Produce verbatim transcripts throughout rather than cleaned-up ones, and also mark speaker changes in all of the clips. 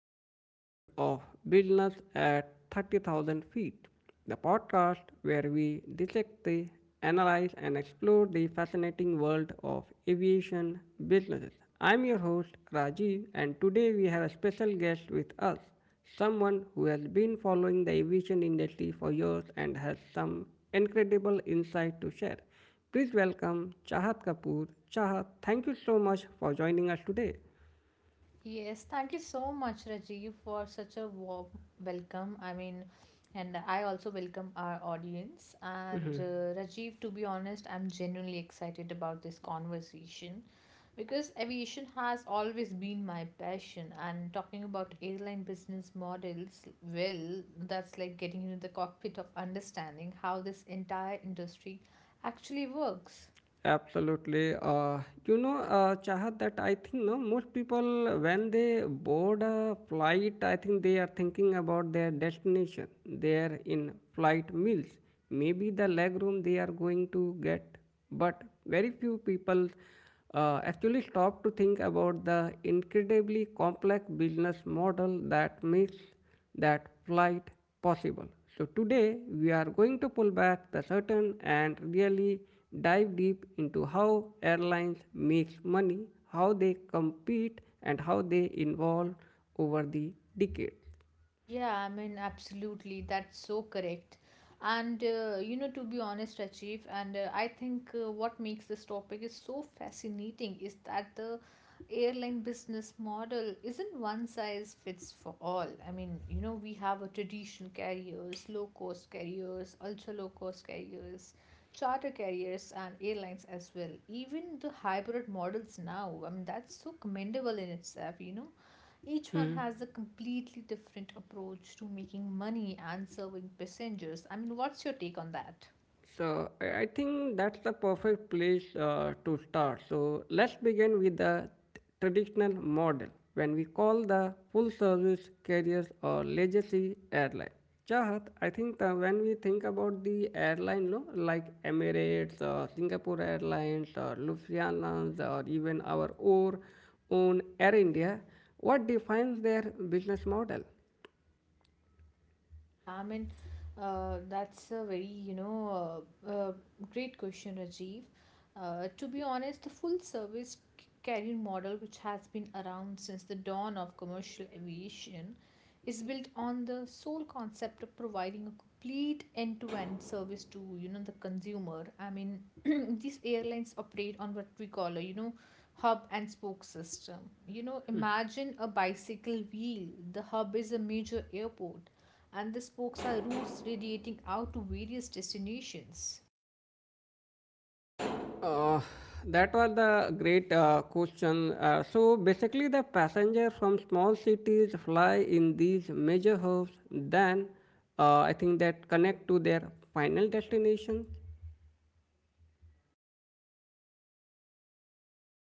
Speaker 1: another episode of Business at thirty thousand feet, the podcast where we dissect, the, analyze and explore the fascinating world of aviation businesses. I'm your host Rajiv, and today we have a special guest with us, someone who has been following the aviation industry for years and has some incredible insight to share. Please welcome Chahat Kapoor. Chahat, thank you so much for joining us today.
Speaker 2: Yes, thank you so much, Rajiv, for such a warm welcome. I mean, and I also welcome our audience. And uh, Rajiv, to be honest, I'm genuinely excited about this conversation because aviation has always been my passion. And talking about airline business models, well, that's like getting into the cockpit of understanding how this entire industry actually works.
Speaker 1: Absolutely. Uh, you know, uh, Chahat, that I think no most people when they board a flight, I think they are thinking about their destination. They are in flight meals, maybe the leg room they are going to get, but very few people uh, actually stop to think about the incredibly complex business model that makes that flight possible. So today we are going to pull back the curtain and really dive deep into how airlines make money, how they compete and how they evolve over the decades.
Speaker 2: Yeah, I mean, absolutely. That's so correct. And, uh, you know, to be honest, Achieve, and uh, I think uh, what makes this topic is so fascinating is that the airline business model isn't one size fits for all. I mean, you know, we have a traditional carriers, low cost carriers, ultra low cost carriers, charter carriers, and airlines as well. Even the hybrid models now, I mean, that's so commendable in itself, you know each one has a completely different approach to making money and serving passengers. I mean, what's your take on that?
Speaker 1: So I I think that's the perfect place uh, to start. So let's begin with the traditional model when we call the full service carriers or legacy airline. Chahat, I think that when we think about the airline, no, like Emirates or Singapore Airlines or Lufthansa or even our or own Air India, what defines their business model?
Speaker 2: Yeah, I mean, uh, that's a very, you know, uh, uh, great question, Rajiv. Uh, to be honest, the full service c- carrier model, which has been around since the dawn of commercial aviation, is built on the sole concept of providing a complete end-to-end service to, you know, the consumer. I mean, these airlines operate on what we call a, you know, hub and spoke system. You know, imagine a bicycle wheel. The hub is a major airport and the spokes are routes radiating out to various destinations.
Speaker 1: Uh, that was the great uh, question. Uh, so basically, the passengers from small cities fly in these major hubs, then uh, I think that connect to their final destination.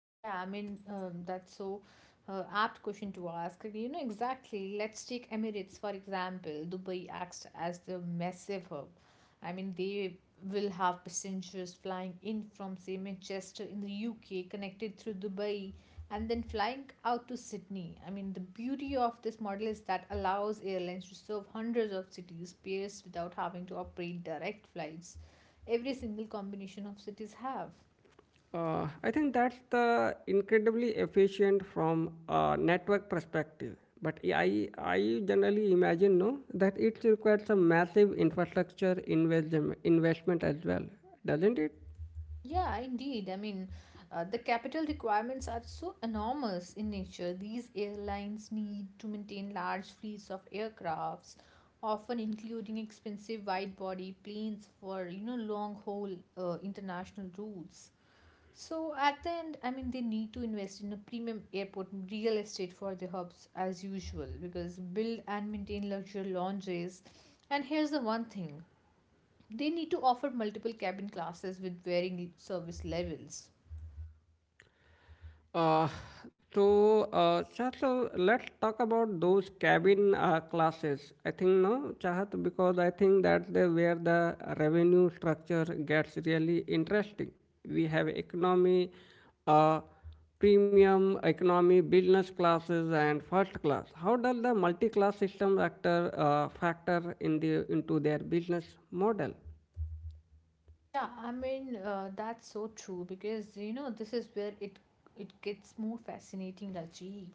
Speaker 2: Yeah, I mean, um, that's so uh, apt question to ask. You know, exactly. Let's take Emirates, for example. Dubai acts as the massive hub. I mean, they will have passengers flying in from, say, Manchester in the U K, connected through Dubai, and then flying out to Sydney. I mean, the beauty of this model is that allows airlines to serve hundreds of cities pairs without having to operate direct flights. Every single combination of cities have.
Speaker 1: Uh, I think that's the incredibly efficient from a network perspective. But yeah, I, I generally imagine no that it requires some massive infrastructure invest, investment as well, doesn't it?
Speaker 2: Yeah, indeed. I mean, uh, the capital requirements are so enormous in nature. These airlines need to maintain large fleets of aircrafts, often including expensive wide-body planes for, you know, long-haul uh, international routes. So at the end, I mean, they need to invest in a premium airport real estate for the hubs as usual because build and maintain luxury lounges. And here's the one thing they need to offer multiple cabin classes with varying service levels.
Speaker 1: Uh, so, uh, Chahat, so let's talk about those cabin uh, classes. I think no, Chahat, because I think that's the, where the revenue structure gets really interesting. We have economy, uh, premium economy, business classes, and first class. How does the multi-class system factor uh, factor in the into their business model?
Speaker 2: Yeah, I mean uh, that's so true because you know this is where it it gets more fascinating, Rajiv.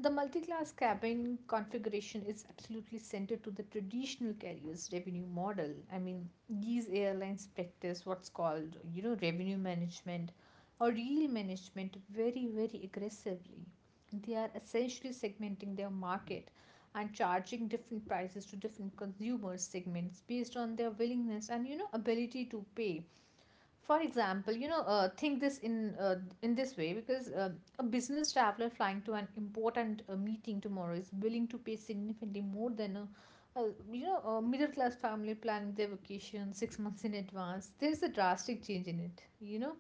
Speaker 2: The multi-class cabin configuration is absolutely centered to the traditional carrier's revenue model. I mean, these airlines practice what's called, you know, revenue management or yield management very, very aggressively. They are essentially segmenting their market and charging different prices to different consumer segments based on their willingness and you know ability to pay. For example, you know, uh, think this in uh, in this way, because uh, a business traveler flying to an important uh, meeting tomorrow is willing to pay significantly more than a uh, you know, a middle class family planning their vacation six months in advance. There's a drastic change in it. You know,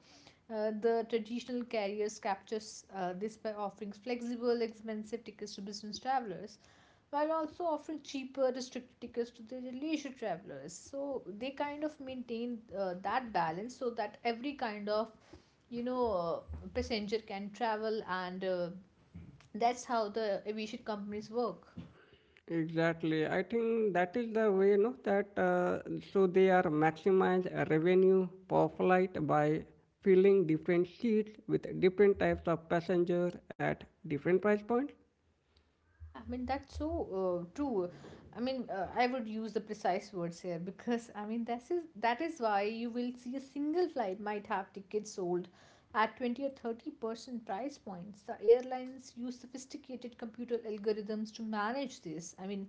Speaker 2: uh, the traditional carriers captures uh, this by offering flexible, expensive tickets to business travelers, while also offering cheaper restricted tickets to the leisure travelers, so they kind of maintain uh, that balance, so that every kind of you know uh, passenger can travel, and uh, that's how the aviation companies work.
Speaker 1: Exactly. I think that is the way, no, that uh, so they are maximize revenue per flight by filling different seats with different types of passenger at different price points.
Speaker 2: Yeah, I mean, that's so uh, true. I mean, uh, I would use the precise words here, because I mean, this is that is why you will see a single flight might have tickets sold at twenty or thirty percent price points. The airlines use sophisticated computer algorithms to manage this. I mean,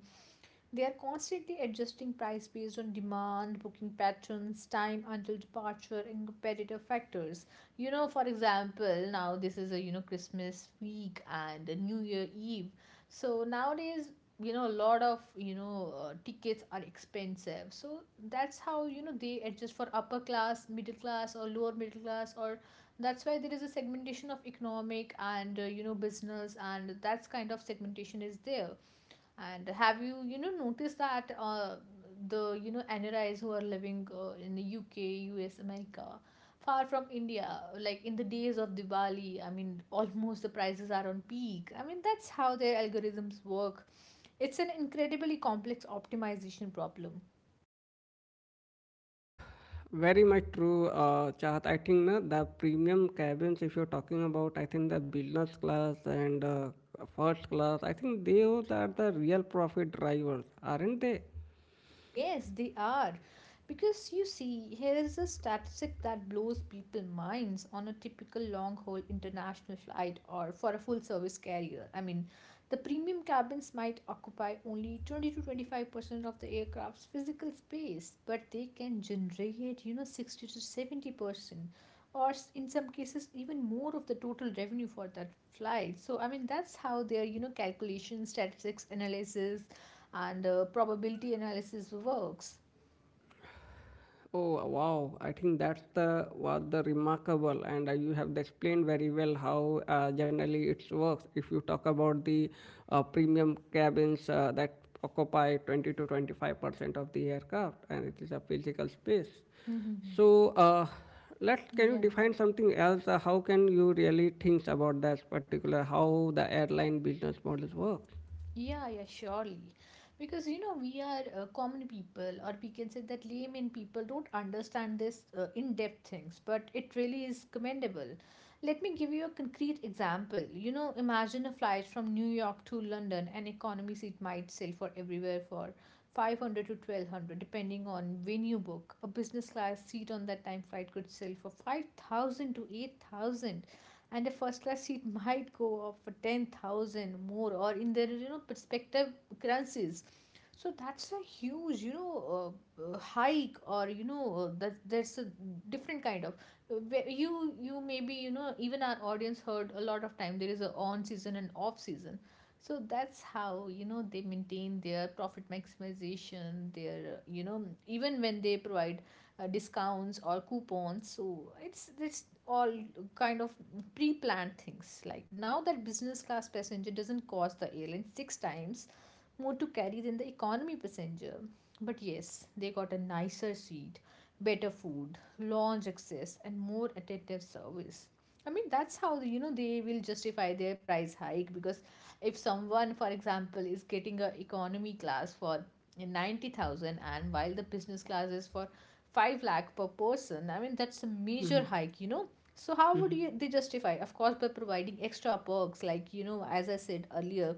Speaker 2: they are constantly adjusting price based on demand, booking patterns, time until departure, and competitive factors. You know, for example, now this is a you know Christmas week and a New Year Eve. So nowadays, you know, a lot of you know uh, tickets are expensive. So that's how you know they adjust for upper class, middle class, or lower middle class, or that's why there is a segmentation of economic and uh, you know business, and that's kind of segmentation is there. And have you you know noticed that uh, the you know N R Is who are living uh, in the U K, U S, America, far from India, like in the days of Diwali, I mean almost the prices are on peak. I mean that's how their algorithms work. It's an incredibly complex optimization problem.
Speaker 1: Very much true, uh, Chahat. I think na, the premium cabins, if you're talking about, I think the business class and uh, first class, I think those are the real profit drivers, aren't they?
Speaker 2: Yes, they are. Because you see, here is a statistic that blows people minds on a typical long haul international flight or for a full service carrier. I mean, the premium cabins might occupy only twenty to twenty-five percent of the aircraft's physical space, but they can generate, you know, sixty to seventy percent or s- in some cases even more of the total revenue for that flight. So I mean that's how their you know calculation statistics analysis and uh, probability analysis works.
Speaker 1: Oh wow! I think that's the was the remarkable, and uh, you have explained very well how uh, generally it works. If you talk about the uh, premium cabins uh, that occupy twenty to twenty-five percent of the aircraft, and it is a physical space. So uh, let's can you
Speaker 2: Yeah.
Speaker 1: define something else? Uh, how can you really think about that particular how the airline business models work?
Speaker 2: Yeah, yeah, surely. Because you know, we are uh, common people, or we can say that layman people don't understand this uh, in-depth things, but it really is commendable. Let me give you a concrete example. You know, imagine a flight from New York to London. An economy seat might sell for everywhere for five hundred to twelve hundred, depending on when you book. A business class seat on that time flight could sell for five thousand to eight thousand, and a first class seat might go up for ten thousand more, or in their you know perspective currencies. So that's a huge you know uh, uh, hike, or you know uh, that there's a different kind of, where you you maybe you know even our audience heard a lot of time, there is a on season and off season. So that's how you know they maintain their profit maximization, their uh, you know even when they provide uh, discounts or coupons. So it's it's all kind of pre-planned things, like now that business class passenger doesn't cost the airline six times more to carry than the economy passenger, but yes, they got a nicer seat, better food, lounge access, and more attentive service. I mean, that's how you know they will justify their price hike, because if someone, for example, is getting a economy class for ninety thousand, and while the business class is for five lakh per person, I mean that's a major
Speaker 1: Mhm.
Speaker 2: hike, you know. So how would you they justify? Of course, by providing extra perks like you know, as I said earlier,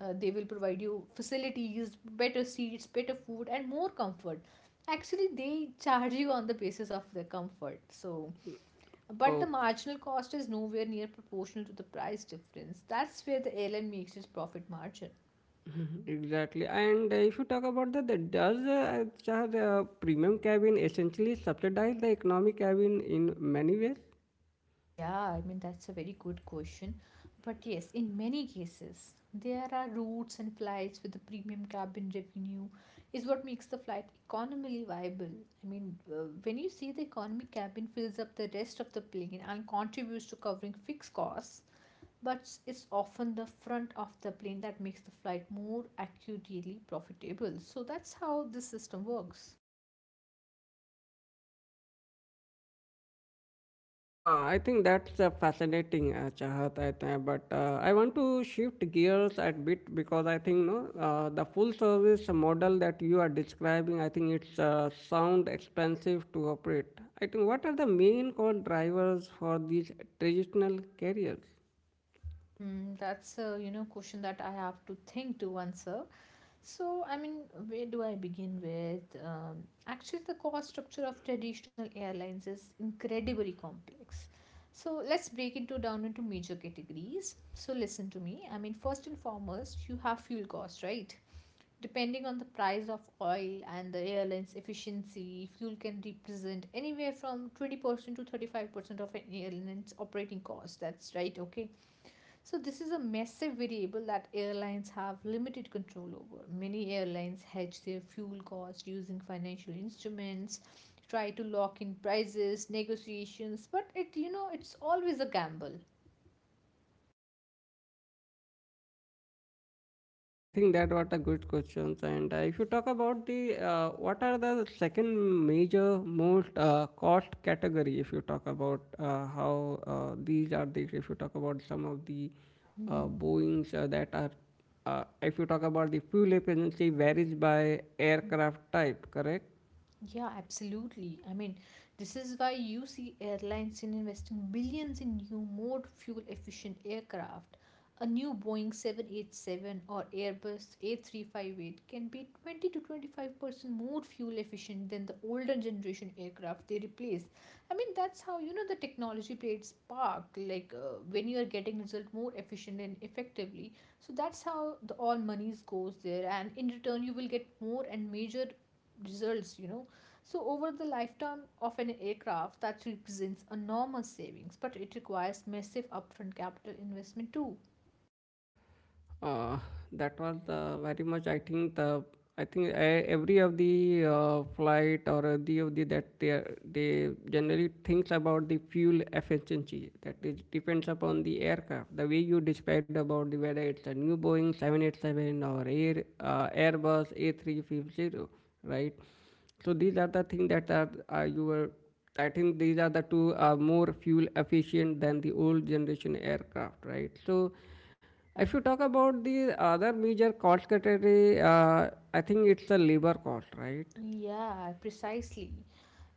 Speaker 2: uh, they will provide you facilities, better seats, better food, and more comfort. Actually, they charge you on the basis of the comfort. So, but the
Speaker 1: Mhm.
Speaker 2: marginal cost is nowhere near proportional to the price difference. That's where the airline makes its profit margin.
Speaker 1: Exactly, and uh, if you talk about that, that does uh, Shah, the premium cabin essentially subsidize the economy cabin in many ways.
Speaker 2: Yeah, I mean, that's a very good question. But yes, in many cases, there are routes and flights with the premium cabin revenue, is what makes the flight economically viable. I mean, uh, when you see the economy cabin fills up the rest of the plane and contributes to covering fixed costs, but it's often the front of the plane that makes the flight more acutely profitable. So that's how this system works.
Speaker 1: Uh, I think that's uh, fascinating, uh, Chahat. I think, but uh, I want to shift gears a bit because I think no, uh, the full service model that you are describing, I think it's uh, sound expensive to operate. I think what are the main core drivers for these traditional carriers?
Speaker 2: Hmm, that's a you know question that I have to think to answer. So I mean, where do I begin with? Um, actually, the cost structure of traditional airlines is incredibly complex. So let's break it down into major categories. So listen to me. I mean, first and foremost, you have fuel costs, right? Depending on the price of oil and the airline's efficiency, fuel can represent anywhere from twenty percent to thirty-five percent of an airline's operating cost. That's right, okay. So, this is a massive variable that airlines have limited control over. Many airlines hedge their fuel costs using financial instruments, try to lock in prices, negotiations, but it, you know, it's always a gamble.
Speaker 1: I think that what a good questions. And uh, if you talk about the uh, what are the second major most uh, cost category, if you talk about uh, how uh, these are the if you talk about some of the uh,
Speaker 2: Mhm.
Speaker 1: Boeing's uh, that are uh, if you talk about the fuel efficiency varies by aircraft type, correct?
Speaker 2: Yeah, absolutely. I mean, this is why you see airlines in investing billions in new, more fuel efficient aircraft. A new Boeing seven eighty-seven or Airbus A three five eight can be twenty to twenty-five percent more fuel efficient than the older generation aircraft they replace. I mean, that's how you know the technology plays part, like uh, when you are getting result more efficient and effectively. So that's how the all monies goes there, and in return you will get more and major results you know. So, over the lifetime of an aircraft, that represents enormous savings, but it requires massive upfront capital investment too.
Speaker 1: Uh, that was the very much. I think the I think e- every of the uh, flight or uh, the of the that they are, they generally thinks about the fuel efficiency. That is depends upon the aircraft. The way you described about the whether it's a new Boeing seven eighty-seven or Air uh, Airbus A three fifty, right? So these are the things that are uh, you were. I think these are the two are more fuel efficient than the old generation aircraft, right? So
Speaker 2: Yeah.
Speaker 1: if you talk about the other major cost category, uh, I think it's the labor cost, right?
Speaker 2: Yeah, precisely.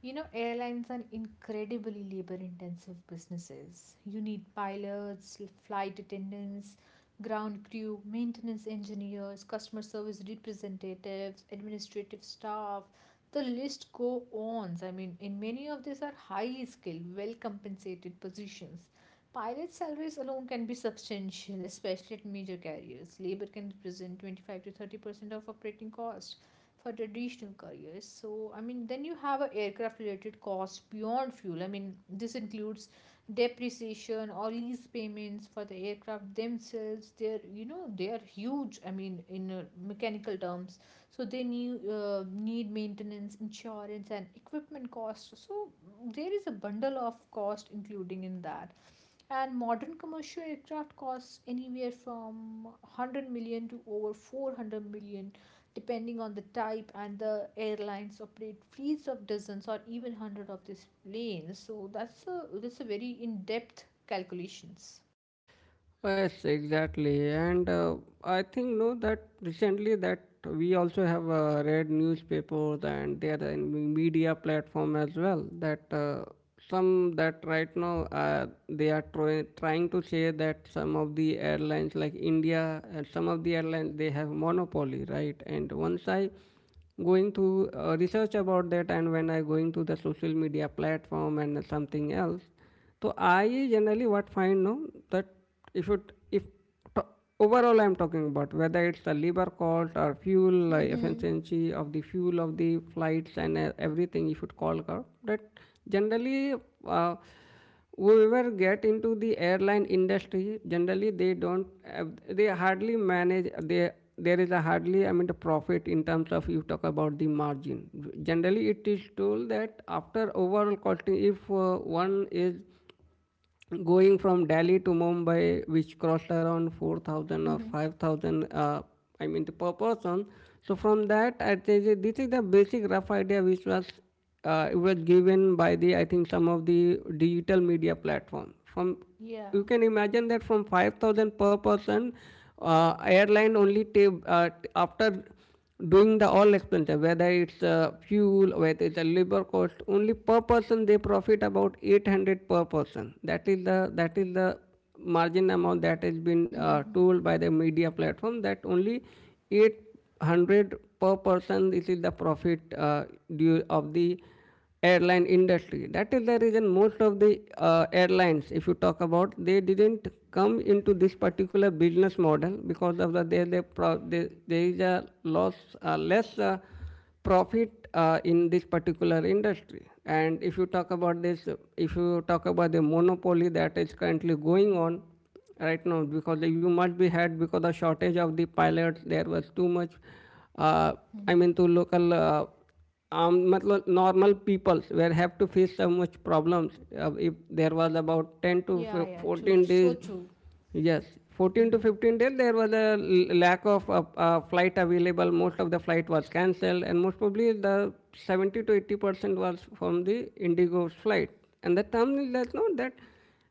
Speaker 2: You know, airlines are incredibly labor intensive businesses. You need pilots, l- flight attendants, ground crew, maintenance engineers, customer service representatives, administrative staff. The list go on. I mean, in many of these are high skilled, well compensated positions. Pilot salaries alone can be substantial, especially at major carriers. Labor can represent twenty-five to thirty percent of operating cost for traditional careers. So, I mean, then you have a aircraft related cost beyond fuel. I mean, this includes depreciation or lease payments for the aircraft themselves. They're, you know, they are huge. I mean, in uh, mechanical terms, so they need uh, need maintenance, insurance, and equipment costs. So there is a bundle of cost including in that. And modern commercial aircraft costs anywhere from one hundred million to over four hundred million depending on the type, and the airlines operate fleets of dozens or even hundred of these planes. So that's a, that's a very in-depth calculations.
Speaker 1: Yes, exactly. And uh, I think no that recently that we also have uh, read newspapers and there are in media platform as well that uh, some that right now uh, they are try- trying to say that some of the airlines like India and some of the airlines they have monopoly, right? And once I going to uh, research about that and when I going to the social media platform and something else so I generally what find no that if it if to, overall I'm talking about whether it's the labor cost or fuel uh,
Speaker 2: Mm-hmm.
Speaker 1: efficiency of the fuel of the flights and uh, everything if it call curve that generally uh, whoever get into the airline industry generally they don't uh, they hardly manage they there is a hardly I mean the profit in terms of you talk about the margin generally it is told that after overall costing if uh, one is going from Delhi to Mumbai, which cost around four thousand or
Speaker 2: Mm-hmm.
Speaker 1: five thousand, uh, I mean, the per person. So from that, I think that this is the basic rough idea which was uh, it was given by the I think some of the digital media platform. From
Speaker 2: Yeah.
Speaker 1: you can imagine that from five thousand per person uh, airline only ta- uh, after doing the all expenses whether it's uh, fuel whether it's a labor cost only per person they profit about eight hundred per person that is the that is the margin amount that has been uh,
Speaker 2: Mm-hmm.
Speaker 1: told by the media platform that only eight hundred per person this is the profit uh, due of the airline industry that is the reason most of the uh, airlines if you talk about they didn't come into this particular business model because of the there they, they, there is a loss uh, less uh, profit uh, in this particular industry and if you talk about this if you talk about the monopoly that is currently going on right now because you must be had because the shortage of the pilots there was too much uh, I mean
Speaker 2: Mm-hmm.
Speaker 1: to local uh, um, matlab normal people were have to face so much problems uh, if there was about ten to
Speaker 2: Yeah, yeah, true,
Speaker 1: fourteen
Speaker 2: so
Speaker 1: days
Speaker 2: true.
Speaker 1: yes fourteen to
Speaker 2: Mhm.
Speaker 1: fifteen days there was a lack of uh, uh, flight available most of the flight was cancelled and most probably the seventy to eighty percent was from the indigo's flight and the term is that no that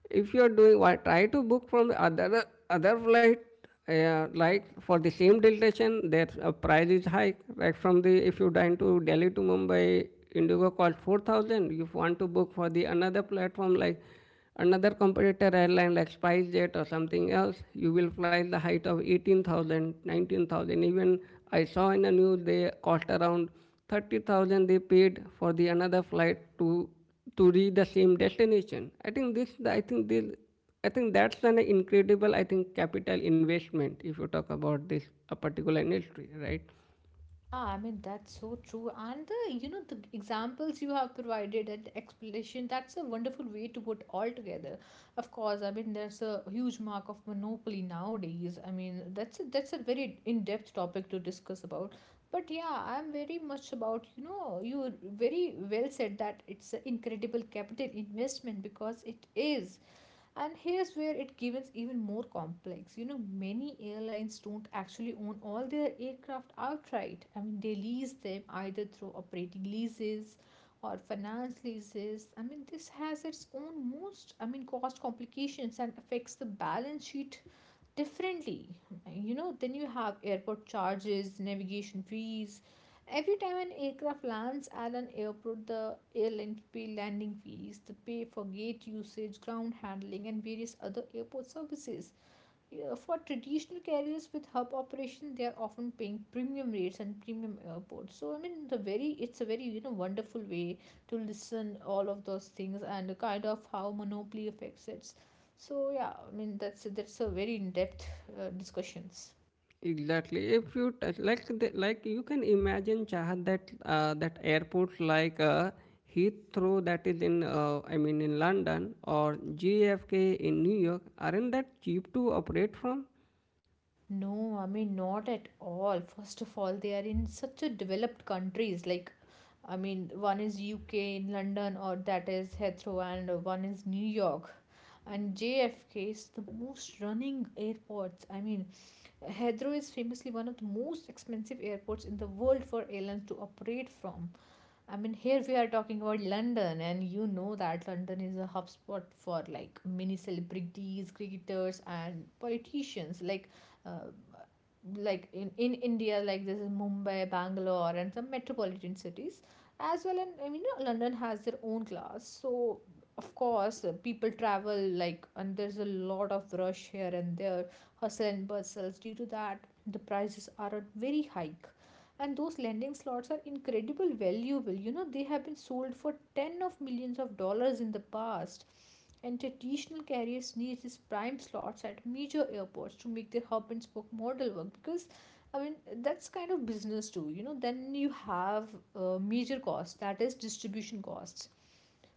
Speaker 1: if you're doing why try to book from the other other flight uh, like for the same destination their uh, price is high like from the if you dine to delhi to mumbai indigo cost four thousand if you want to book for the another platform like another competitor airline like spicejet or something else you will fly the height of eighteen thousand, nineteen thousand. Even I saw in the news they cost around thirty thousand they paid for the another flight to to reach the same destination. I think this, I think this, I think that's an incredible, I think, capital investment if you talk about this a particular industry, right?
Speaker 2: Yeah, I mean that's so true. And the you know the examples you have provided and explanation, that's a wonderful way to put all together. Of course, I mean there's a huge mark of monopoly nowadays. I mean that's a, that's a very in-depth topic to discuss about. But yeah, I'm very much about you know you very well said that it's an incredible capital investment because it is. And here's where it gets even more complex. You know, many airlines don't actually own all their aircraft outright. I mean, they lease them either through operating leases or finance leases. I mean, this has its own most, I mean, cost complications and affects the balance sheet differently. You know, then you have airport charges, navigation fees. Every time an aircraft lands at an airport, the airline pay landing fees, the pay for gate usage, ground handling, and various other airport services. Yeah, for traditional carriers with hub operation, they are often paying premium rates and premium airports. So I mean the very it's a very, you know, wonderful way to listen all of those things and kind of how monopoly affects it. So yeah, I mean that's that's a very in-depth uh, discussions.
Speaker 1: Exactly. If you t- like, the, like you can imagine Chahat that uh, that airports like uh, Heathrow that is in, uh, I mean, in London or J F K in New York aren't that cheap to operate from?
Speaker 2: No, I mean not at all. First of all, they are in such a developed countries. Like, I mean, one is U K in London, or that is Heathrow, and one is New York. And J F K is the most running airports. I mean, Heathrow is famously one of the most expensive airports in the world for airlines to operate from. I mean, here we are talking about London, and you know that London is a hub spot for like many celebrities, cricketers, and politicians. Like, uh, like in, in India, like this is Mumbai, Bangalore, and some metropolitan cities as well. And I mean, you know, London has their own class, so of course, uh, people travel like, and there's a lot of rush here and there, hustle and bustles. Due to that, the prices are at very high, and those landing slots are incredible valuable. You know, they have been sold for tens of millions of dollars in the past, and traditional carriers need these prime slots at major airports to make their hub and spoke model work because, I mean, that's kind of business too. You know, then you have uh, major costs that is distribution costs.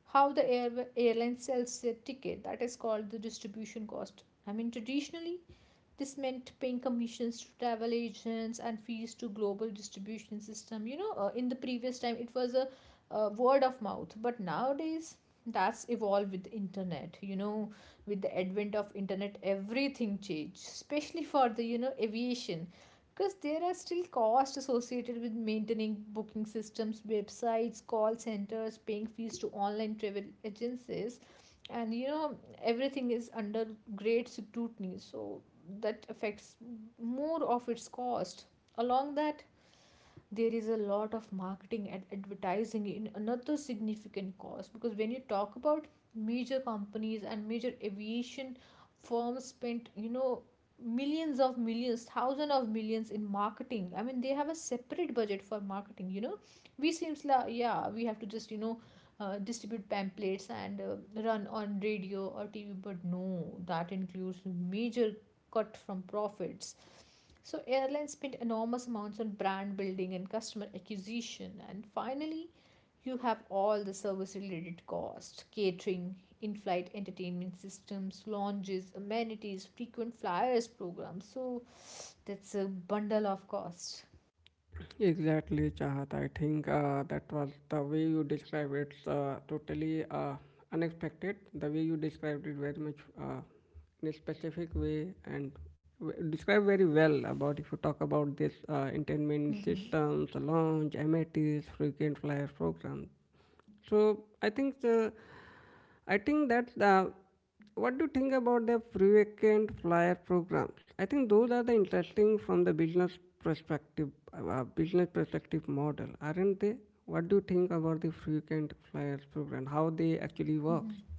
Speaker 2: How the air, airline sells their ticket, that is called the distribution cost. I mean, traditionally this meant paying commissions to travel agents and fees to global distribution system. You know, uh, in the previous time it was a uh, word of mouth, but nowadays that's evolved with internet. You know, with the advent of internet everything changed, especially for the, you know, aviation, because there are still costs associated with maintaining booking systems, websites, call centers, paying fees to online travel agencies. And you know, everything is under great scrutiny, so that affects more of its cost. Along that, there is a lot of marketing and advertising in another significant cost, because when you talk about major companies and major aviation firms spent, you know, millions of millions, thousands of millions in marketing. I mean, they have a separate budget for marketing. You know, we seems like yeah we have to just, you know, uh, distribute pamphlets and uh, run on radio or T V, but no, that includes major cut from profits. So airlines spend enormous amounts on brand building and customer acquisition, and finally, you have all the service-related costs: catering, in-flight entertainment systems, lounges, amenities, frequent flyers programs. So that's a bundle of costs.
Speaker 1: Exactly, Chahat. I think uh, that was the way you described it. Uh, totally uh, unexpected. The way you described it very much uh, in a specific way and w- described very well about if you talk about this uh, entertainment systems, launch, M I Ts, frequent flyer programs. So I think the I think that the What do you think about the frequent flyer programs? I think those are the interesting from the business perspective, uh, business perspective model, aren't they? What do you think about the frequent flyers program? How they actually works?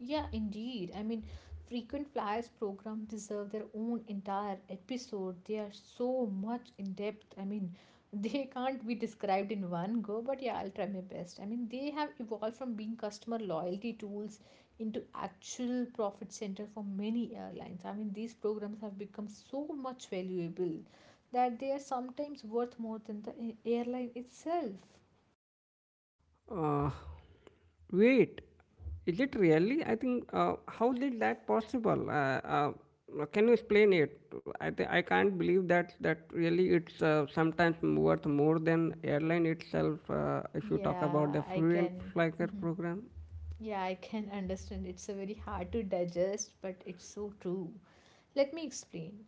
Speaker 2: Yeah, indeed. I mean, frequent flyers program deserve their own entire episode. They are so much in depth. I mean, they can't be described in one go, but yeah, I'll try my best. I mean, they have evolved from being customer loyalty tools into actual profit center for many airlines. I mean, these programs have become so much valuable that they are sometimes worth more than the a- airline itself.
Speaker 1: Uh, Wait, is it really? I think, uh, how did that possible? Uh, uh, uh, can you explain it? I th- I can't believe that that really it's uh, sometimes worth more than airline itself. Uh, if you talk about the
Speaker 2: Yeah, I
Speaker 1: frequent
Speaker 2: can.
Speaker 1: flyer program,
Speaker 2: Yeah, I can understand. It's a very hard to digest, but it's so true. Let me explain.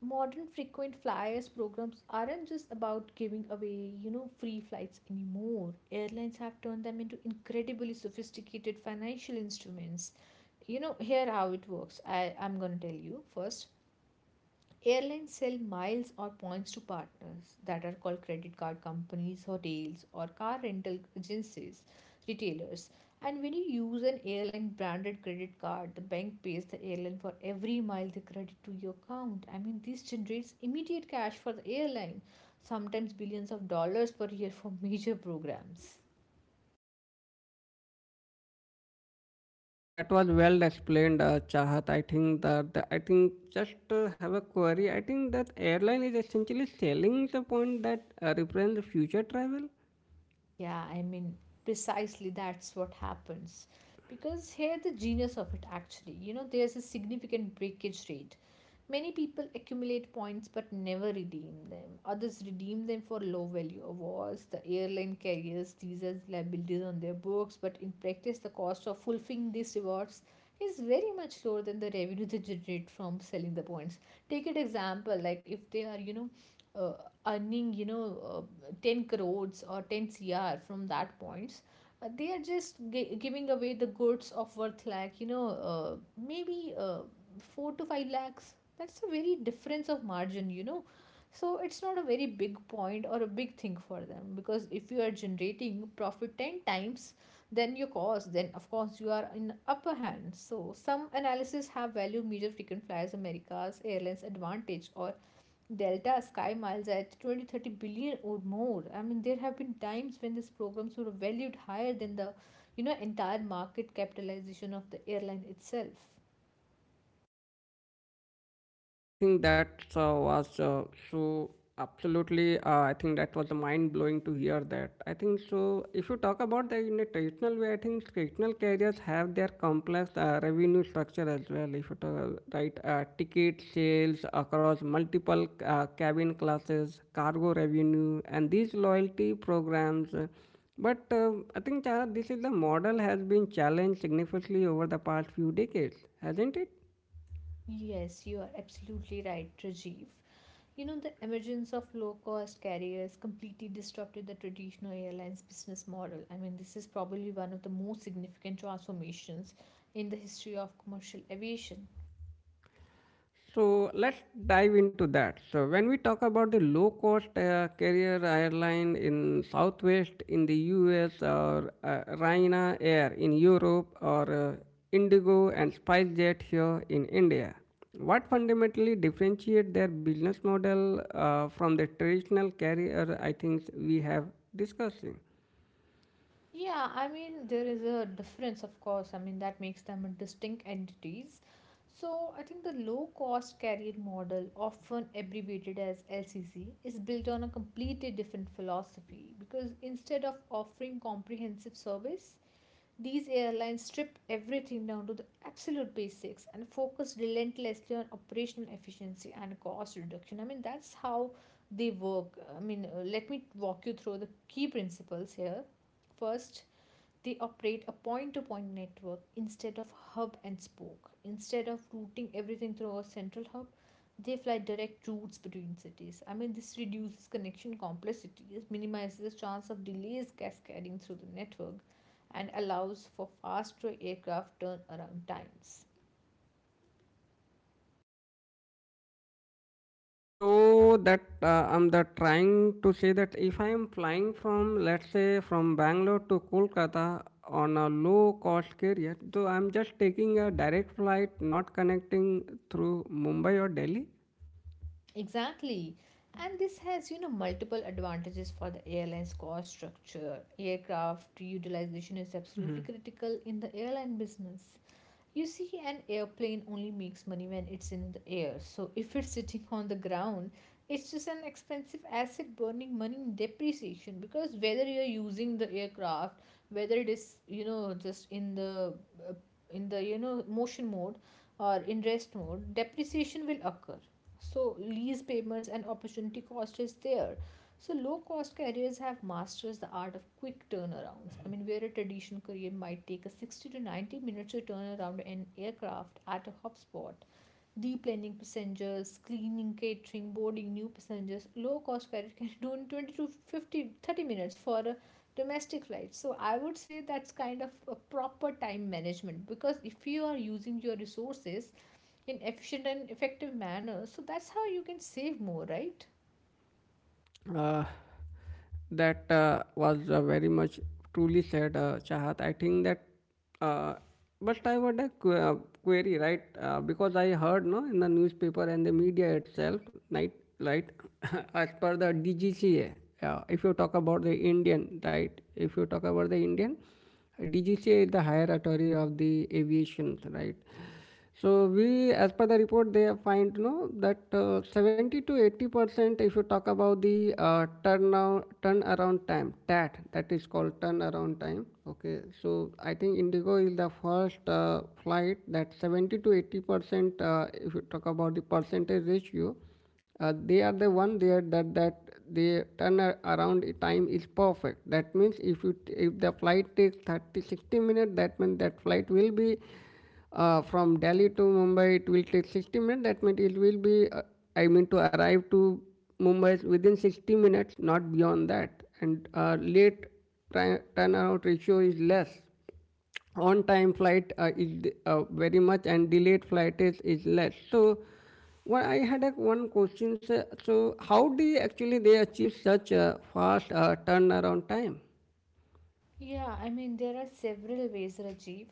Speaker 2: Modern frequent flyers programs aren't just about giving away, you know, free flights anymore. Airlines have turned them into incredibly sophisticated financial instruments. You know, here how it works. I I'm going to tell you first. Airlines sell miles or points to partners that are called credit card companies, hotels, or car rental agencies, retailers. And when you use an airline branded credit card, the bank pays the airline for every mile they credit to your account. I mean, this generates immediate cash for the airline, sometimes billions of dollars per year for major programs.
Speaker 1: that was well explained, uh, Chahat. I think that the, I think just uh, have a query. I think that airline is essentially selling the point that uh, represents the future travel.
Speaker 2: Yeah, I mean, precisely that's what happens. Because here the genius of it actually, you know, there's a significant breakage rate. Many people accumulate points but never redeem them. Others redeem them for low value awards. The airline carriers these as liabilities on their books, but in practice, the cost of fulfilling these rewards is very much lower than the revenue they generate from selling the points. Take an example like if they are, you know, uh, earning, you know, uh, ten crores or ten C R from that points. Uh, they are just gi- giving away the goods of worth like, you know, uh, maybe uh, four to five lakhs. That's a very difference of margin, you know. So it's not a very big point or a big thing for them, because if you are generating profit ten times then your cost, then of course you are in upper hand. So some analysis have value major frequent flyers America's airlines advantage or Delta Sky Miles at twenty thirty billion or more. I mean, there have been times when these programs were valued higher than the, you know, entire market capitalization of the airline itself.
Speaker 1: I think that uh, was uh, so absolutely. Uh, I think that was mind blowing to hear that. I think so. If you talk about the in a traditional way, I think traditional carriers have their complex uh, revenue structure as well. If you talk right, uh, ticket sales across multiple uh, cabin classes, cargo revenue, and these loyalty programs. uh, but uh, I think uh, this is the model has been challenged significantly over the past few decades, hasn't it?
Speaker 2: Yes, you are absolutely right, Rajiv. You know, the emergence of low cost carriers completely disrupted the traditional airlines' business model. I mean, this is probably one of the most significant transformations in the history of commercial aviation.
Speaker 1: So let's dive into that. So when we talk about the low-cost uh, carrier airline in Southwest in the U S or uh, Ryanair Air in Europe or uh, Indigo and SpiceJet here in India, what fundamentally differentiate their business model uh, from the traditional carrier? I think we have discussing.
Speaker 2: Yeah, I mean, there is a difference, of course. I mean, that makes them a distinct entities. So, I think the low cost carrier model, often abbreviated as L C C, is built on a completely different philosophy, because instead of offering comprehensive service, these airlines strip everything down to the absolute basics and focus relentlessly on operational efficiency and cost reduction. I mean, that's how they work. I mean, uh, let me walk you through the key principles here. First, they operate a point to point network instead of hub and spoke. Instead of routing everything through a central hub, they fly direct routes between cities. I mean, this reduces connection complexities, minimizes the chance of delays cascading through the network, and allows for faster aircraft turnaround times.
Speaker 1: So that uh, I'm the trying to say that if I am flying from let's say from Bangalore to Kolkata on a low cost carrier, so I'm just taking a direct flight, not connecting through Mumbai or Delhi.
Speaker 2: Exactly. And this has, you know, multiple advantages for the airline's cost structure. Aircraft utilization is absolutely critical in the airline business. You see, an airplane only makes money when it's in the air. So if it's sitting on the ground, it's just an expensive asset burning money in depreciation, because whether you're using the aircraft, whether it is, you know, just in the uh, in the, you know, motion mode or in rest mode, depreciation will occur. So lease payments and opportunity cost is there. So low cost careers have masters the art of quick turnarounds. I mean, where a traditional career might take a sixty to ninety minutes to turn around an aircraft at a hotspot, deplaning passengers, cleaning, catering, boarding new passengers, low cost carrier can do in twenty to fifty thirty minutes for a domestic flight. So I would say that's kind of a proper time management, because if you are using your resources in efficient and effective manner, so that's how you can save more, right?
Speaker 1: Uh, That uh, was uh, very much truly said, uh, Chahat. I think that, uh, but I would a qu- uh, query, right? Uh, because I heard no in the newspaper and the media itself, right? Right, as per the D G C A, uh, if you talk about the Indian, right? If you talk about the Indian, D G C A is the higher authority of the aviation, right? So we, as per the report, they find no that uh, seventy to eighty percent. If you talk about the uh, turn turnaround time, T A T, that is called turnaround time. Okay, so I think Indigo is the first uh, flight that seventy to eighty percent. Uh, if you talk about the percentage ratio, uh, they are the one there that that the turnaround time is perfect. That means if you t- if the flight takes thirty sixty minutes, that means that flight will be uh, from Delhi to Mumbai, it will take sixty minutes. That means it will be uh, I mean to arrive to Mumbai within sixty minutes, not beyond that. And uh, late tri- turnaround ratio is less, on time flight uh, is uh, very much, and delayed flight is, is less. So well, I had a one question, sir. So how do you actually they achieve such a fast uh, turnaround time?
Speaker 2: Yeah, I mean, there are several ways, Rajiv.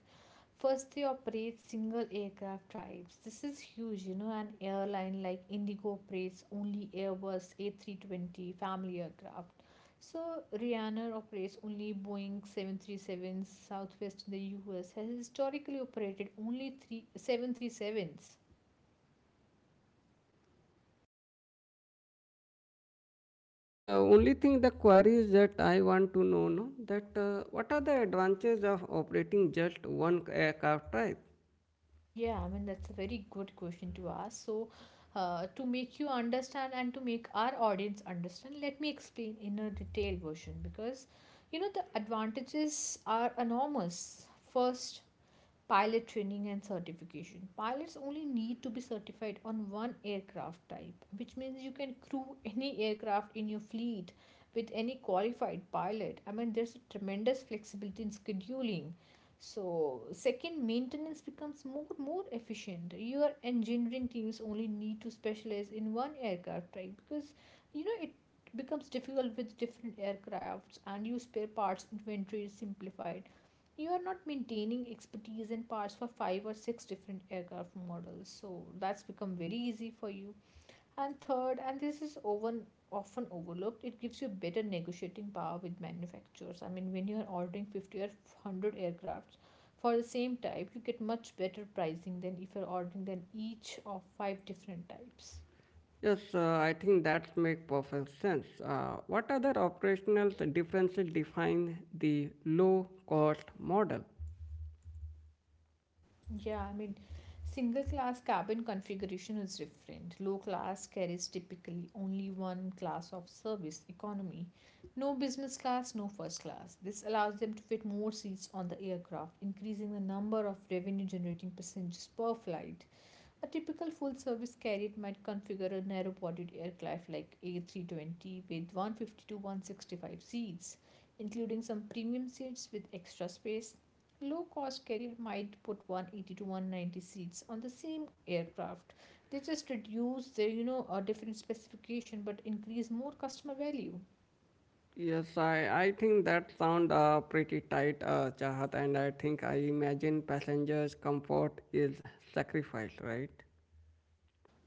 Speaker 2: First, they operate single aircraft types. This is huge, you know. An airline like Indigo operates only Airbus A three twenty family aircraft. So, Ryanair operates only Boeing seven thirty-sevens. Southwest in the U S has historically operated only three, seven thirty-sevens.
Speaker 1: So only thing the query is that I want to know no, that uh, what are the advantages of operating just one aircraft type?
Speaker 2: Yeah, I mean, that's a very good question to ask. So, uh, to make you understand and to make our audience understand, let me explain in a detailed version because you know the advantages are enormous. First, pilot training and certification pilots only need to be certified on one aircraft type, which means you can crew any aircraft in your fleet with any qualified pilot. I mean, there's a tremendous flexibility in scheduling. So second, maintenance becomes more more efficient. Your engineering teams only need to specialize in one aircraft type because you know it becomes difficult with different aircrafts, and your spare parts inventory is simplified. You are not maintaining expertise and parts for five or six different aircraft models, so that's become very easy for you. And third, and this is often often overlooked, it gives you better negotiating power with manufacturers. I mean, when you are ordering fifty or one hundred aircrafts for the same type, you get much better pricing than if you're ordering than each of five different types.
Speaker 1: Yes uh, I think that make perfect sense. Uh, what other operational differences define the low cost model?
Speaker 2: Yeah, I mean, single class cabin configuration is different. Low class carries typically only one class of service, economy. No business class, no first class. This allows them to fit more seats on the aircraft, increasing the number of revenue generating passengers per flight. A typical full service carrier might configure a narrow bodied aircraft like A three twenty with one hundred fifty to one hundred sixty-five seats, including some premium seats with extra space. Low cost carrier might put one hundred eighty to one hundred ninety seats on the same aircraft. They just reduce the you know a different specification but increase more customer value.
Speaker 1: Yes, I, I think that sound uh, pretty tight, uh, Chahat, and I think I imagine passengers' comfort is sacrificed, right?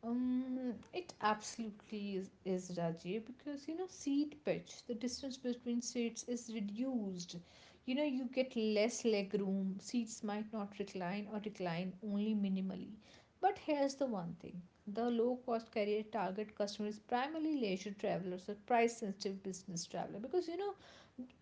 Speaker 2: Um, it absolutely is, is, Raji, because you know seat pitch, the distance between seats, is reduced. You know you get less leg room. Seats might not recline or recline only minimally. But here's the one thing: the low-cost carrier target customer is primarily leisure travelers or price-sensitive business traveler, because you know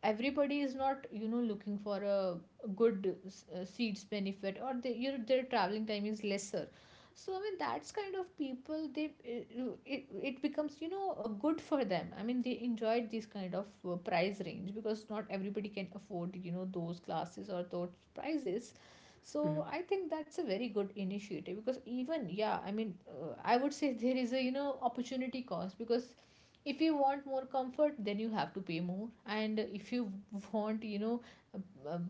Speaker 2: everybody is not you know looking for a good uh, seats benefit, or they, you know, their traveling time is lesser. So I mean, that's kind of people they uh, it, it becomes you know uh, good for them. I mean, they enjoyed this kind of uh, price range because not everybody can afford you know those classes or those prices. So I think that's a very good initiative because even yeah I mean uh, I would say there is a you know opportunity cost because if you want more comfort then you have to pay more, and if you want you know a, a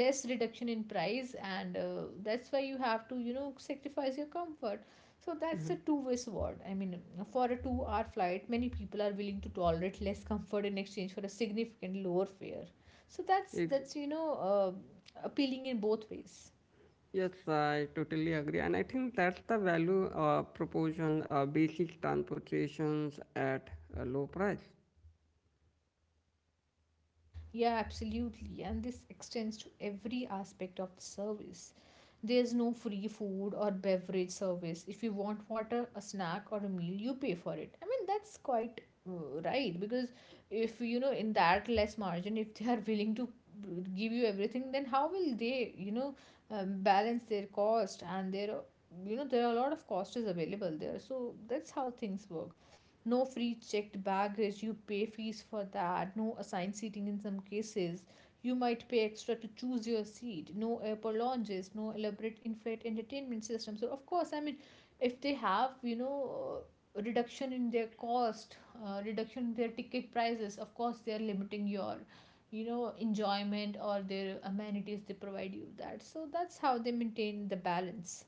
Speaker 2: less reduction in price and uh, that's why you have to you know sacrifice your comfort. So that's a two-way sword. I mean, for a two-hour flight, many people are willing to tolerate less comfort in exchange for a significant lower fare. So that's
Speaker 1: It,
Speaker 2: that's you know uh, appealing in both ways.
Speaker 1: yes, I totally agree, and I think that's the value uh, proportion uh, basic transportations at a low price.
Speaker 2: Yeah, absolutely. And this extends to every aspect of the service. There's no free food or beverage service. If you want water, a snack, or a meal, you pay for it. I mean, that's quite uh, right, because if you know in that less margin, if they are willing to give you everything, then how will they, you know, um, balance their cost and their, you know, there are a lot of costs available there. So that's how things work. No free checked baggage, you pay fees for that. No assigned seating, in some cases you might pay extra to choose your seat. No airport lounges, no elaborate in-flight entertainment system. So of course, I mean, if they have you know uh, reduction in their cost, uh, reduction in their ticket prices, of course they are limiting your you know enjoyment or their amenities they provide you that. So that's how they maintain the balance.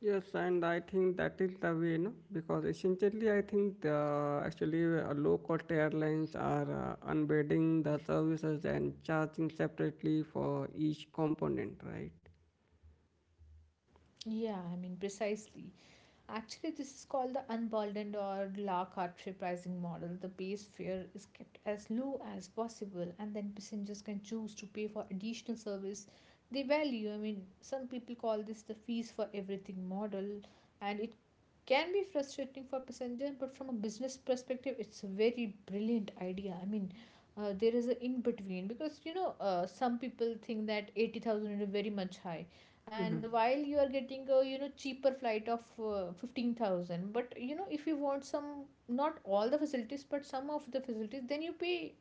Speaker 1: Yes, and I think that is the way, no? Because essentially, I think the actually uh, low-cost airlines are uh, unbundling the services and charging separately for each component, right?
Speaker 2: Yeah, I mean, precisely. Actually, this is called the unburdened or la carte pricing model. The base fare is kept as low as possible, and then passengers can choose to pay for additional service they value. I mean, some people call this the fees for everything model, and it can be frustrating for passenger, but from a business perspective, it's a very brilliant idea. I mean, uh, there is a in between because you know, uh, some people think that eighty thousand is very much high, and
Speaker 1: Mhm.
Speaker 2: while you are getting a you know cheaper flight of uh, fifteen thousand, but you know if you want some, not all the facilities but some of the facilities, then you pay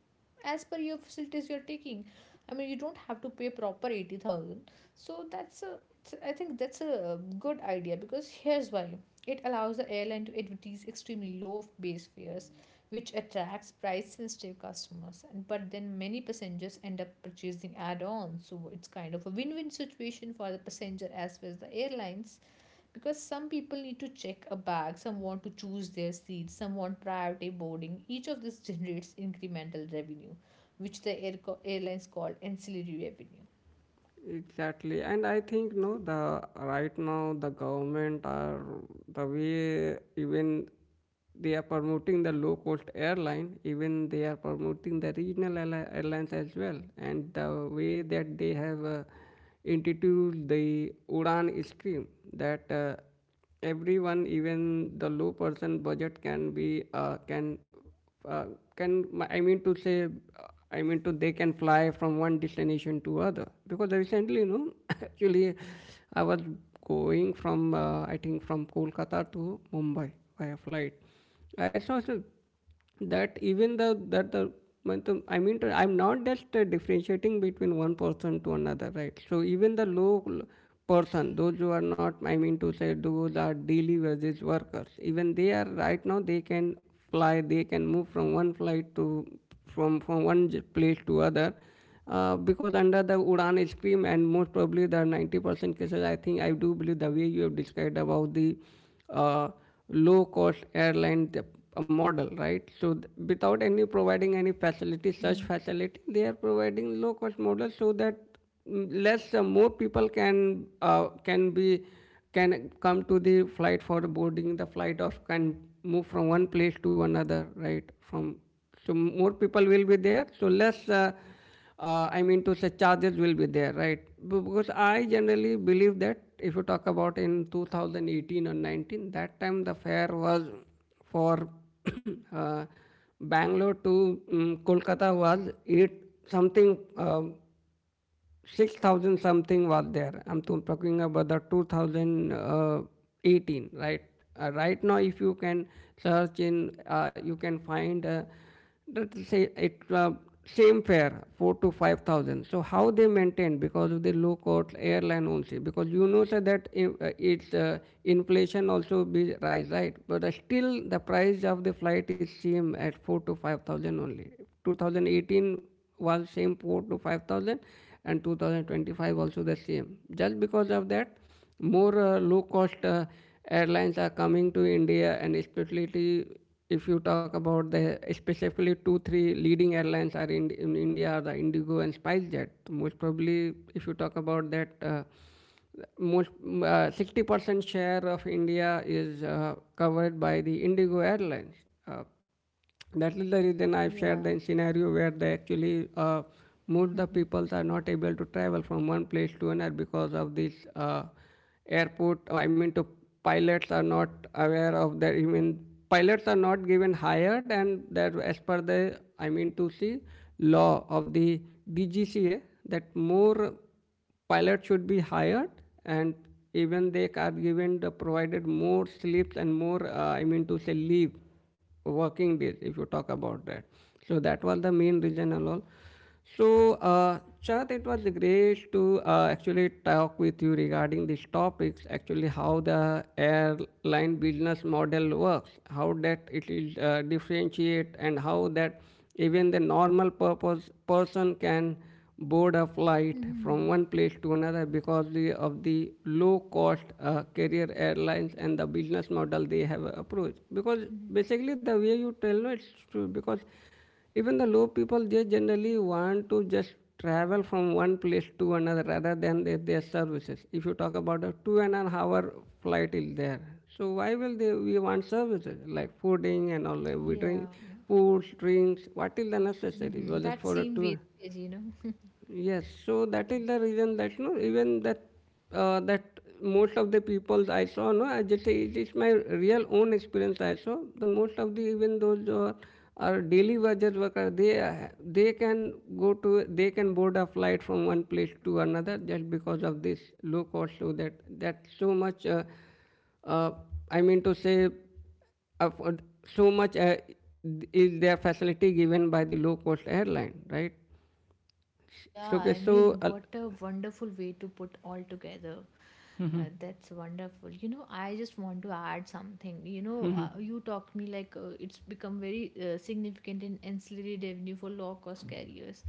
Speaker 2: as per your facilities you're taking. I mean, you don't have to pay proper eighty thousand. So that's a it's- I think that's a uh, good idea, because here's why: it allows the airline to advertise extremely low base fares, which attracts price sensitive customers, and but then many passengers end up purchasing add-ons. So it's kind of a win-win situation for the passenger as well as the airlines, because some people need to check a bag, some want to choose their seats, some want priority boarding. Each of this generates incremental revenue, which the air co- airlines call ancillary revenue.
Speaker 1: Exactly, and I think no, the right now the government are the way, even they are promoting the low cost airline, even they are promoting the regional airli- airlines as well, and the way that they have uh, introduced the Udan scheme that. Uh, everyone, even the low person budget can be uh, can uh, can i mean to say uh, i mean to they can fly from one destination to other. Because recently you know actually I was going from uh, I think from Kolkata to Mumbai by a flight, I saw some that even the that the matlab, I mean to- I'm not just uh, differentiating between one person to another, right? So even the low l- person, those who are not, I mean to say, those are daily wages workers, even they are right now they can fly, they can move from one flight to from from one j- place to other. Uh, because under the Udan scheme and most probably the ninety percent cases, I think I do believe the way you have described about the uh, low cost airline model, right? So th- without any providing any facility,
Speaker 2: Mm-hmm.
Speaker 1: such facility, they are providing low cost model so that mm, less uh, more people can uh, can be, can come to the flight for boarding the flight, or can move from one place to another, right? From so more people will be there, so less. Uh, uh, I mean to say charges will be there, right? Because I generally believe that if you talk about in two thousand eighteen or nineteen, that time the fare was for uh, Bangalore to um, Kolkata was eight something um, six thousand something was there. I'm to- talking about the two thousand eighteen, right? Uh, right now, if you can search in, uh, you can find uh, that say it uh, same fare four to five thousand. So how they maintain because of the low cost airline ownership? Because you know sir, that in, uh, it's uh, inflation also be rise, right? But uh, still the price of the flight is same at four to five thousand only. two thousand eighteen was same four to five thousand, and two thousand twenty five also the same, just because of that more uh, low cost uh, airlines are coming to India, and especially if you talk about the specifically two three leading airlines are in, in India are the Indigo and SpiceJet. Most probably if you talk about that uh, most uh, sixty percent share of India is uh, covered by the Indigo airlines. uh, that is the reason I've shared
Speaker 2: Yeah.
Speaker 1: the scenario where they actually uh, most the
Speaker 2: Mm-hmm.
Speaker 1: people are not able to travel from one place to another because of this uh, airport. I mean, to pilots are not aware of that. Even pilots are not given hired, and that as per the I mean to see law of the D G C A that more pilots should be hired, and even they are given the provided more sleeps and more uh, I mean to say leave working days if you talk about that. So that was the main reason and all. So uh, Chad, it was great to uh, actually talk with you regarding these topics. Actually, how the airline business model works, how that it is uh, differentiate, and how that even the normal purpose person can board a flight
Speaker 2: Mm-hmm.
Speaker 1: from one place to another because of the low cost uh, carrier airlines and the business model they have approached. Because
Speaker 2: Mm-hmm.
Speaker 1: basically, the way you tell me it's true. Because even the low people, they generally want to just travel from one place to another rather than their, their services. If you talk about a two and an hour flight is there. So why will they we want services like fooding and all we drink
Speaker 2: Yeah, yeah.
Speaker 1: food, drinks, what is the necessary?
Speaker 2: Mm-hmm.
Speaker 1: Well just
Speaker 2: That
Speaker 1: for a
Speaker 2: seems
Speaker 1: tour.
Speaker 2: wastage, you know.
Speaker 1: Yes, so that is the reason that no, even that uh, that most of the people I saw, no, I just say it is my real own experience. I saw the most of the even those who are are daily wages worker, they are- they can go to they can board a flight from one place to another just because of this low cost. So that that so much, uh, uh, I mean to say, afford so much uh, is their facility given by the low cost airline, right?
Speaker 2: Yeah,
Speaker 1: So okay,
Speaker 2: I
Speaker 1: so
Speaker 2: mean,
Speaker 1: uh,
Speaker 2: what a wonderful way to put all together. Uh, that's wonderful. You know, I just want to add something. You know, uh, you talked me like uh, it's become very uh, significant in ancillary revenue for low cost carriers.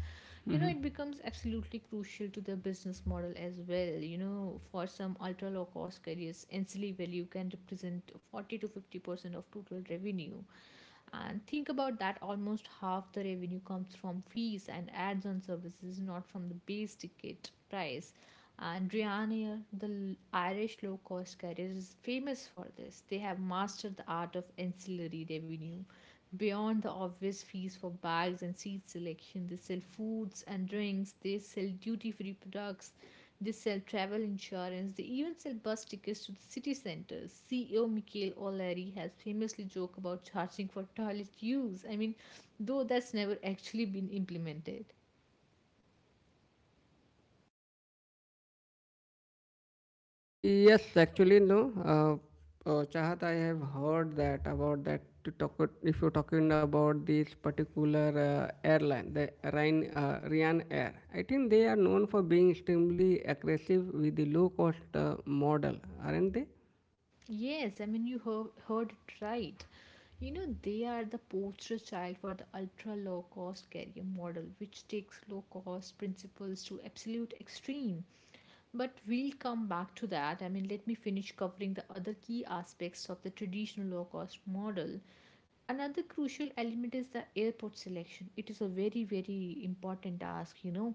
Speaker 2: You know, it becomes absolutely crucial to the business model as well. You know, for some ultra low cost carriers, ancillary value can represent forty to fifty percent of total revenue. And think about that: almost half the revenue comes from fees and ads on services, not from the base ticket price. And Ryanair, the Irish low cost carrier, is famous for this. They have mastered the art of ancillary revenue. Beyond the obvious fees for bags and seat selection, they sell foods and drinks, they sell duty free products, they sell travel insurance, they even sell bus tickets to the city centers. C E O Michael O'Leary has famously joked about charging for toilet use. I mean, though that's never actually been implemented.
Speaker 1: yes, actually, no. Uh, uh, Chahat, I have heard that about that. To talk, if you're talking about this particular uh, airline, the Ryan, uh, Ryan Air, I think they are known for being extremely aggressive with the low cost uh, model, aren't they?
Speaker 2: Yes, I mean, you heard, heard it right. You know, they are the poster child for the ultra low cost carrier model, which takes low cost principles to absolute extreme. But we'll come back to that. I mean, let me finish covering the other key aspects of the traditional low cost model. Another crucial element is the airport selection. It is a very very important task, you know.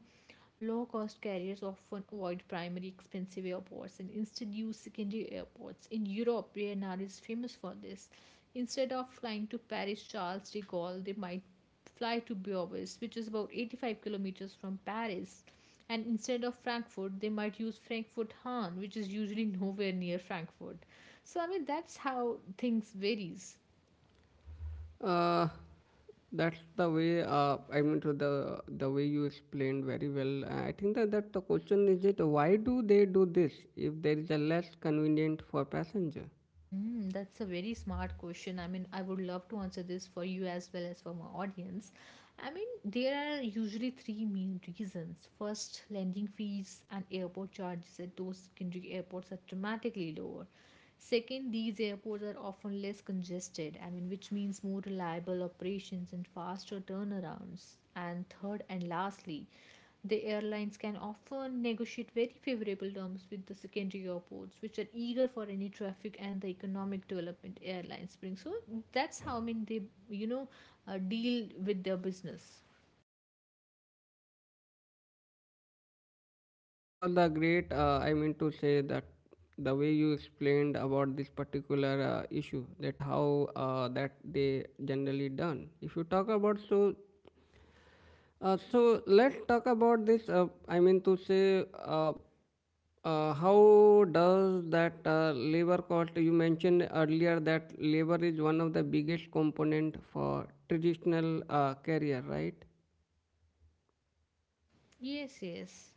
Speaker 2: Low cost carriers often avoid primary expensive airports and instead use secondary airports. In Europe, Ryanair is famous for this. Instead of flying to Paris Charles de Gaulle, they might fly to Beauvais, which is about eighty-five kilometers from Paris. And instead of Frankfurt, they might use Frankfurt Hahn, which is usually nowhere near Frankfurt. So, I mean, that's how things varies.
Speaker 1: Uh, that's the way. Uh, I mean, to the the way you explained very well. I think that, that the question is it why do they do this if there is a less convenient for passenger?
Speaker 2: Mm, that's a very smart question. I mean, I would love to answer this for you as well as for my audience. I mean, there are usually three main reasons. First, landing fees and airport charges at those secondary airports are dramatically lower. Second, these airports are often less congested, I mean, which means more reliable operations and faster turnarounds. And third and lastly, the airlines can often negotiate very favorable terms with the secondary airports, which are eager for any traffic and the economic development airlines bring. So that's how I mean they, you know, uh, deal with their business.
Speaker 1: That was the great, uh, I mean to say that the way you explained about this particular uh, issue, that how uh, that they generally done. If you talk about so, uh, so let's talk about this. Uh, I mean to say, uh, uh, how does that uh, labor cost? You mentioned earlier that labor is one of the biggest component for traditional uh, career, right?
Speaker 2: Yes, yes.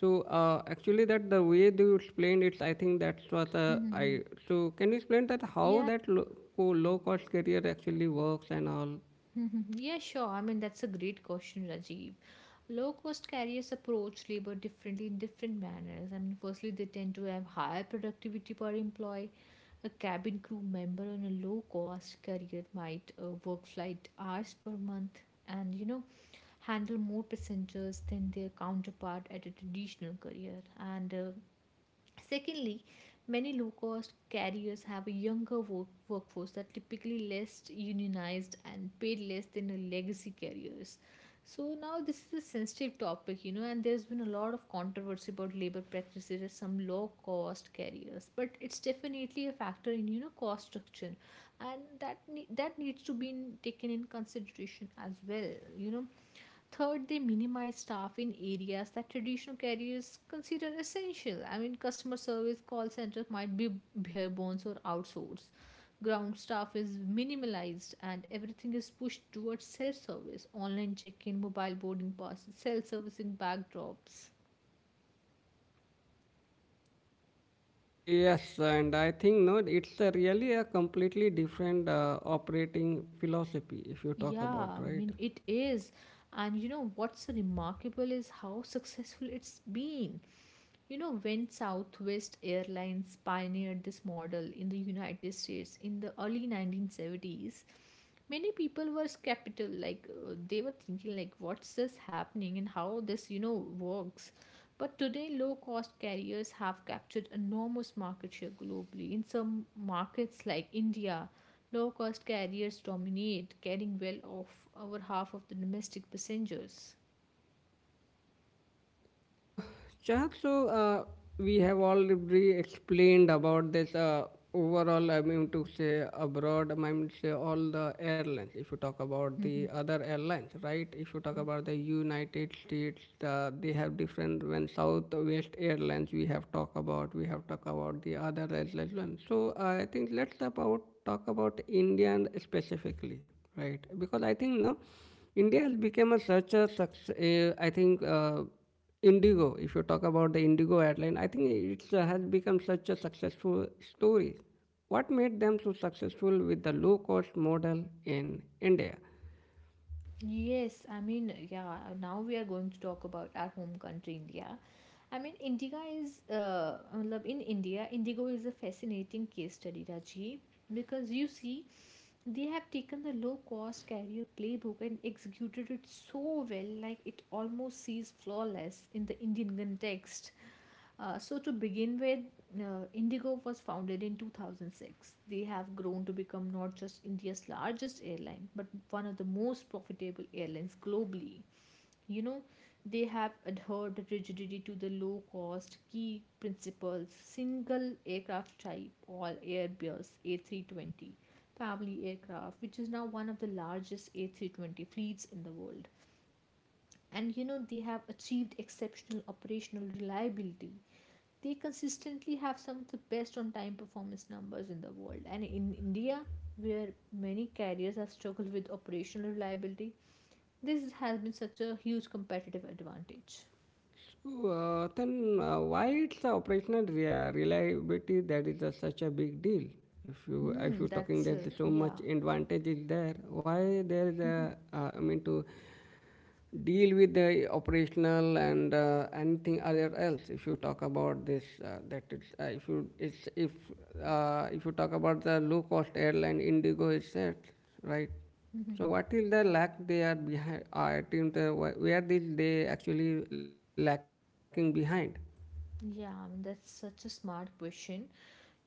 Speaker 1: So uh, actually, that the way that you explained it, I think that's what uh, I. So can you explain that how
Speaker 2: Yeah,
Speaker 1: that low, low cost carrier actually works and all?
Speaker 2: yeah, sure. I mean, that's a great question, Rajiv. Low cost carriers approach labor differently in different manners. I mean, firstly, they tend to have higher productivity per employee. A cabin crew member on a low cost carrier might uh, work flight hours per month and, you know, handle more passengers than their counterpart at a traditional carrier. And uh, secondly, many low cost carriers have a younger work- workforce that typically less unionized and paid less than the legacy carriers. So now this is a sensitive topic, you know, and there's been a lot of controversy about labor practices at some low cost carriers, but it's definitely a factor in you know cost structure, and that ne- that needs to be in- taken in consideration as well, you know. Third, they minimize staff in areas that traditional carriers consider essential. I mean, customer service call centers might be bare bones or outsourced, ground staff is minimalized, and everything is pushed towards self-service, online check-in, mobile boarding passes, self-servicing backdrops.
Speaker 1: Yes, and I think no, it's a really a completely different uh, operating philosophy if you talk about,
Speaker 2: Yeah, I
Speaker 1: right.
Speaker 2: mean, it is. And you know what's remarkable is how successful it's been. You know, when Southwest Airlines pioneered this model in the United States in the early nineteen seventies, many people were skeptical. Like, uh, they were thinking, like, what's this happening and how this, you know, works. But today, low cost carriers have captured enormous market share globally. In some markets like India, low cost carriers dominate, carrying well off over half of the domestic passengers.
Speaker 1: Uh, Chahak, so uh, we have already explained about this uh, overall, I mean to say abroad, I mean to say all the airlines. If you talk about the other airlines, right? If you talk about the United States, uh, they have different, when Southwest Airlines we have talked about, we have talked about the other airlines. So I think let's about, talk about India and specifically, right? Because I think now India has become a such a success, I think, uh, Indigo, if you talk about the Indigo airline, I think it uh, has become such a successful story. What made them so successful with the low cost model in India?
Speaker 2: Yes, I mean, yeah, now we are going to talk about our home country, India. I mean, Indigo is, uh, matlab in India, Indigo is a fascinating case study, Rajiv, because, you see, they have taken the low cost carrier playbook and executed it so well, like it almost seems flawless in the Indian context. Uh, so, to begin with, uh, Indigo was founded in two thousand six. They have grown to become not just India's largest airline, but one of the most profitable airlines globally. you know they have adhered rigidity to the low cost key principles: single aircraft type, all Airbus A three twenty family aircraft, which is now one of the largest A three twenty fleets in the world. And you know they have achieved exceptional operational reliability. They consistently have some of the best on time performance numbers in the world, and in India, where many carriers have struggled with operational reliability, this has been such a huge competitive advantage.
Speaker 1: So, uh, then uh, why it's the operational rea- reliability that is uh, such a big deal? If you if
Speaker 2: Hmm,
Speaker 1: you're talking
Speaker 2: that's uh,
Speaker 1: that there's so
Speaker 2: yeah.
Speaker 1: much advantage is there, why there is a uh, I mean to deal with the operational and uh, anything other else if you talk about this uh, that it's, uh, if you it's if uh, if you talk about the low cost airline Indigo is set, right? So what is the lack they are behind? Uh, team. The, wh- where did they actually lacking behind? I
Speaker 2: Yeah, I mean, that's such a smart question.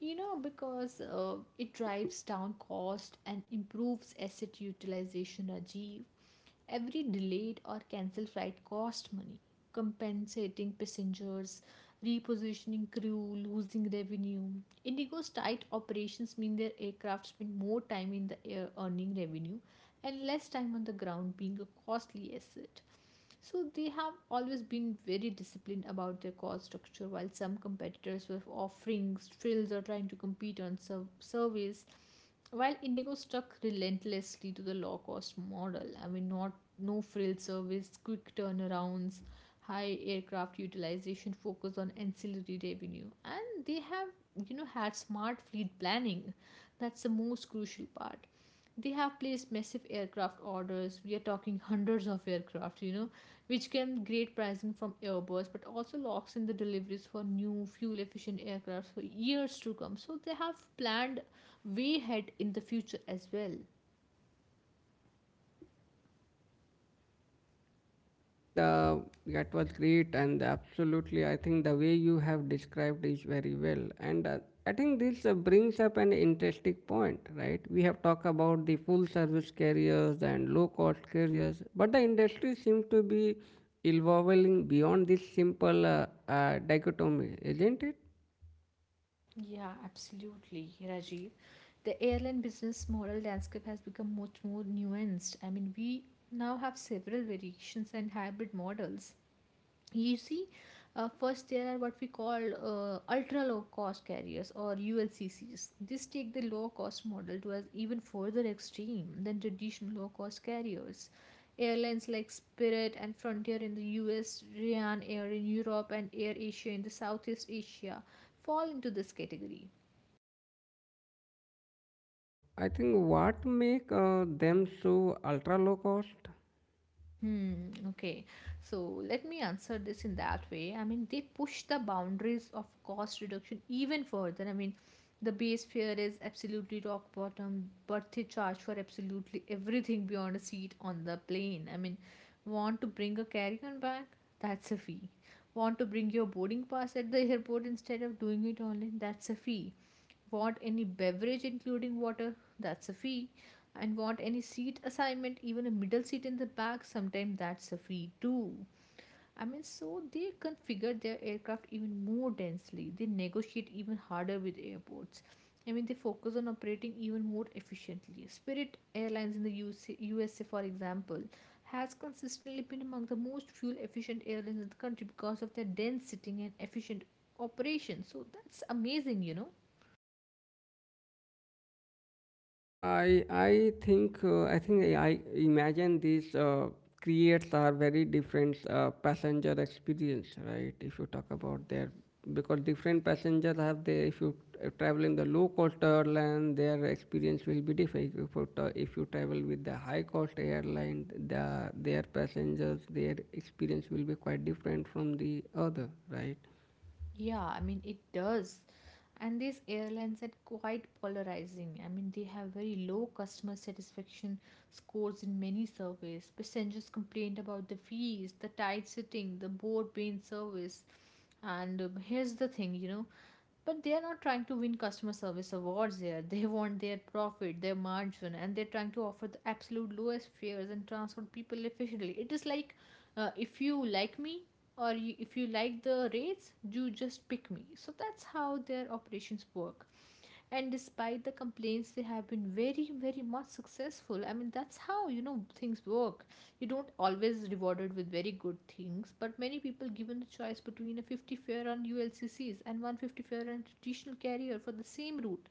Speaker 2: You know, because uh, it drives down cost and improves asset utilization, Rajiv. Every delayed or cancelled flight cost money, compensating passengers, repositioning crew, losing revenue. Indigo's tight operations mean their aircraft spend more time in the air earning revenue and less time on the ground being a costly asset. So they have always been very disciplined about their cost structure, while some competitors were offering frills or trying to compete on serv- surveys, while Indigo stuck relentlessly to the low cost model. I mean, not no frill service, quick turnarounds, high aircraft utilization, focus on ancillary revenue, and they have you know had smart fleet planning. That's the most crucial part. They have placed massive aircraft orders. We are talking hundreds of aircraft, you know, which can great pricing from Airbus, but also locks in the deliveries for new fuel efficient aircraft for years to come. So they have planned way ahead in the future as well.
Speaker 1: think the that was great and absolutely. I think the way you have described is very well, and uh, I think this uh, brings up an interesting point, right? We have talked about the full service carriers and low cost carriers, but the industry seems to be evolving beyond this simple uh, uh, dichotomy, isn't it?
Speaker 2: Yeah, absolutely, Rajiv. The airline business model landscape has become much more nuanced. I mean, we now have several variations and hybrid models. You see, uh, first there are what we call uh, ultra low cost carriers, or ULCCs. This take the low cost model to an even further extreme than traditional low cost carriers. Airlines like Spirit and Frontier in the US, Ryanair in Europe, and Air Asia in the Southeast Asia fall into this category.
Speaker 1: I think what make uh, them so ultra low cost.
Speaker 2: Hmm, okay. So let me answer this in that way. I mean, they push the boundaries of cost reduction even further. I mean, the base fare is absolutely rock bottom, but they charge for absolutely everything beyond a seat on the plane. I mean, want to bring a carry-on bag? That's a fee. Want to bring your boarding pass at the airport instead of doing it online? That's a fee. Want any beverage, including water? That's a fee. And want any seat assignment, even a middle seat in the back? Sometimes that's a fee too. I mean, so they configure their aircraft even more densely. They negotiate even harder with airports. I mean, they focus on operating even more efficiently. Spirit Airlines in the UC U S A, for example, has consistently been among the most fuel efficient airlines in the country because of their dense sitting and efficient operation. So that's amazing, you know.
Speaker 1: I I think uh, I think I I imagine these uh, creates are very different uh, passenger experience, right? If you talk about their because different passengers have their if you uh, travel in the low cost airline, their experience will be different. If you, ta- if you travel with the high cost airline, the their passengers their experience will be quite different from the other, right?
Speaker 2: Yeah, I mean, it does. And these airlines are quite polarizing. I mean, they have very low customer satisfaction scores in many surveys. Passengers complained about the fees, the tight sitting, the board being service. And um, here's the thing, you know, but they are not trying to win customer service awards here. They want their profit, their margin, and they're trying to offer the absolute lowest fares and transport people efficiently. It is like, uh, if you like me, or you, if you like the rates, you just pick me. So that's how their operations work. And despite the complaints, they have been very, very much successful. I mean, that's how, you know, things work. You don't always rewarded with very good things, but many people given the choice between a fifty fare on ULCCs and one hundred fifty fare on traditional carrier for the same route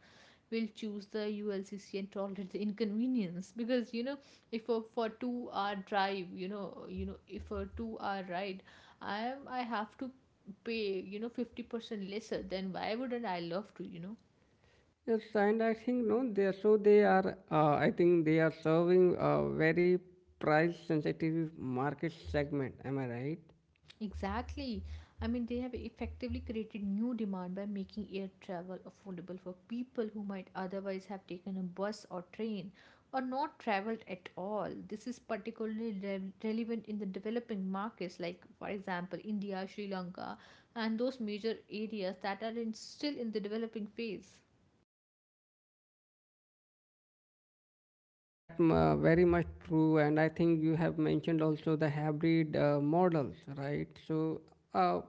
Speaker 2: will choose the U L C C and tolerate the inconvenience. Because, you know, if a, for two hour drive, you know you know if a two hour ride, I am I have to pay, you know, fifty percent lesser, then why wouldn't I love to, you know.
Speaker 1: Yes, and I think no, they so they are. Uh, I think they are serving a very price-sensitive market segment. Am I right?
Speaker 2: Exactly. I mean, they have effectively created new demand by making air travel affordable for people who might otherwise have taken a bus or train or not traveled at all. This is particularly re- relevant in the developing markets, like, for example, India, Sri Lanka, and those major areas that are in, still in the developing phase.
Speaker 1: That uh, very much true. And I think you have mentioned also the hybrid uh, models, right? So, uh,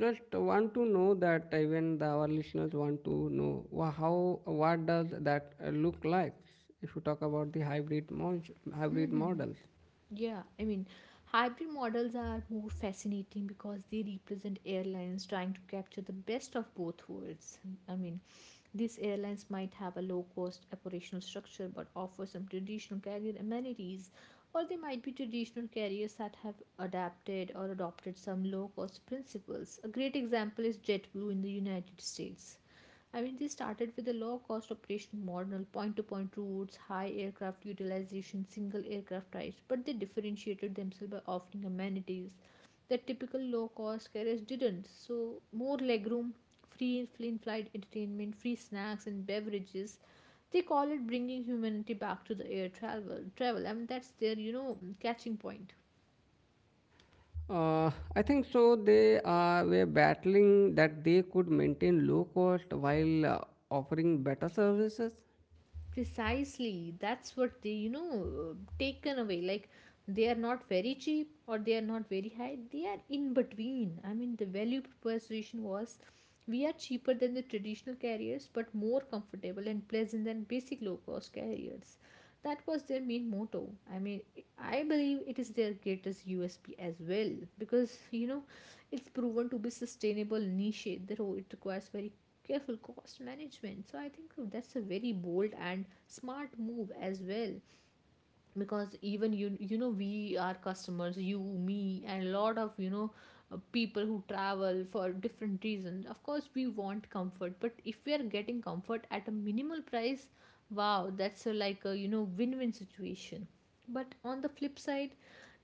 Speaker 1: just want to know that even the, our listeners want to know wha- how what does that uh, look like if you talk about the hybrid mon- hybrid models.
Speaker 2: Yeah, I mean, hybrid models are more fascinating because they represent airlines trying to capture the best of both worlds. I mean, these airlines might have a low cost operational structure but offer some traditional carrier amenities, or they might be traditional carriers that have adapted or adopted some low cost principles. A great example is JetBlue in the United States. I mean, they started with a low cost operation model, point to point routes, high aircraft utilization, single aircraft types, but they differentiated themselves by offering amenities that typical low cost carriers didn't. So, more legroom, free in flight entertainment, free snacks and beverages. They call it bringing humanity back to the air travel. Travel, I mean, that's their, you know, catching point.
Speaker 1: Uh, I think so. They uh, were battling that they could maintain low cost while uh, offering better services.
Speaker 2: Precisely, that's what they, you know, uh, taken away, like they are not very cheap, or they are not very high, they are in between. I mean, the value proposition was, we are cheaper than the traditional carriers but more comfortable and pleasant than basic low cost carriers. That was their main motto. I mean, I believe it is their greatest U S P as well, because, you know, it's proven to be sustainable niche though it requires very careful cost management. So I think that's a very bold and smart move as well, because even you, you know, we are customers, you, me, and a lot of, you know, uh, people who travel for different reasons. Of course we want comfort, but if we are getting comfort at a minimal price, wow, that's a, like a, you know, win-win situation. But on the flip side,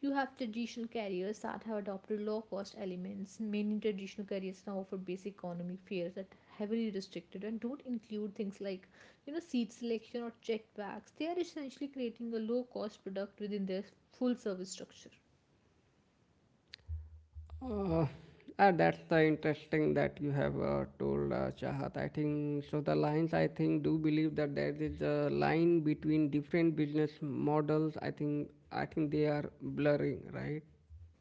Speaker 2: you have traditional carriers that have adopted low cost elements. Many traditional carriers now offer basic economy fares that are heavily restricted and don't include things like, you know, seat selection or checked bags. They are essentially creating a low cost product within their full service structure.
Speaker 1: Uh, ah, that's the interesting that you have uh, told uh, Chahat. I think so. The lines I think do believe that there is a line between different business models. I think I think they are blurring, right?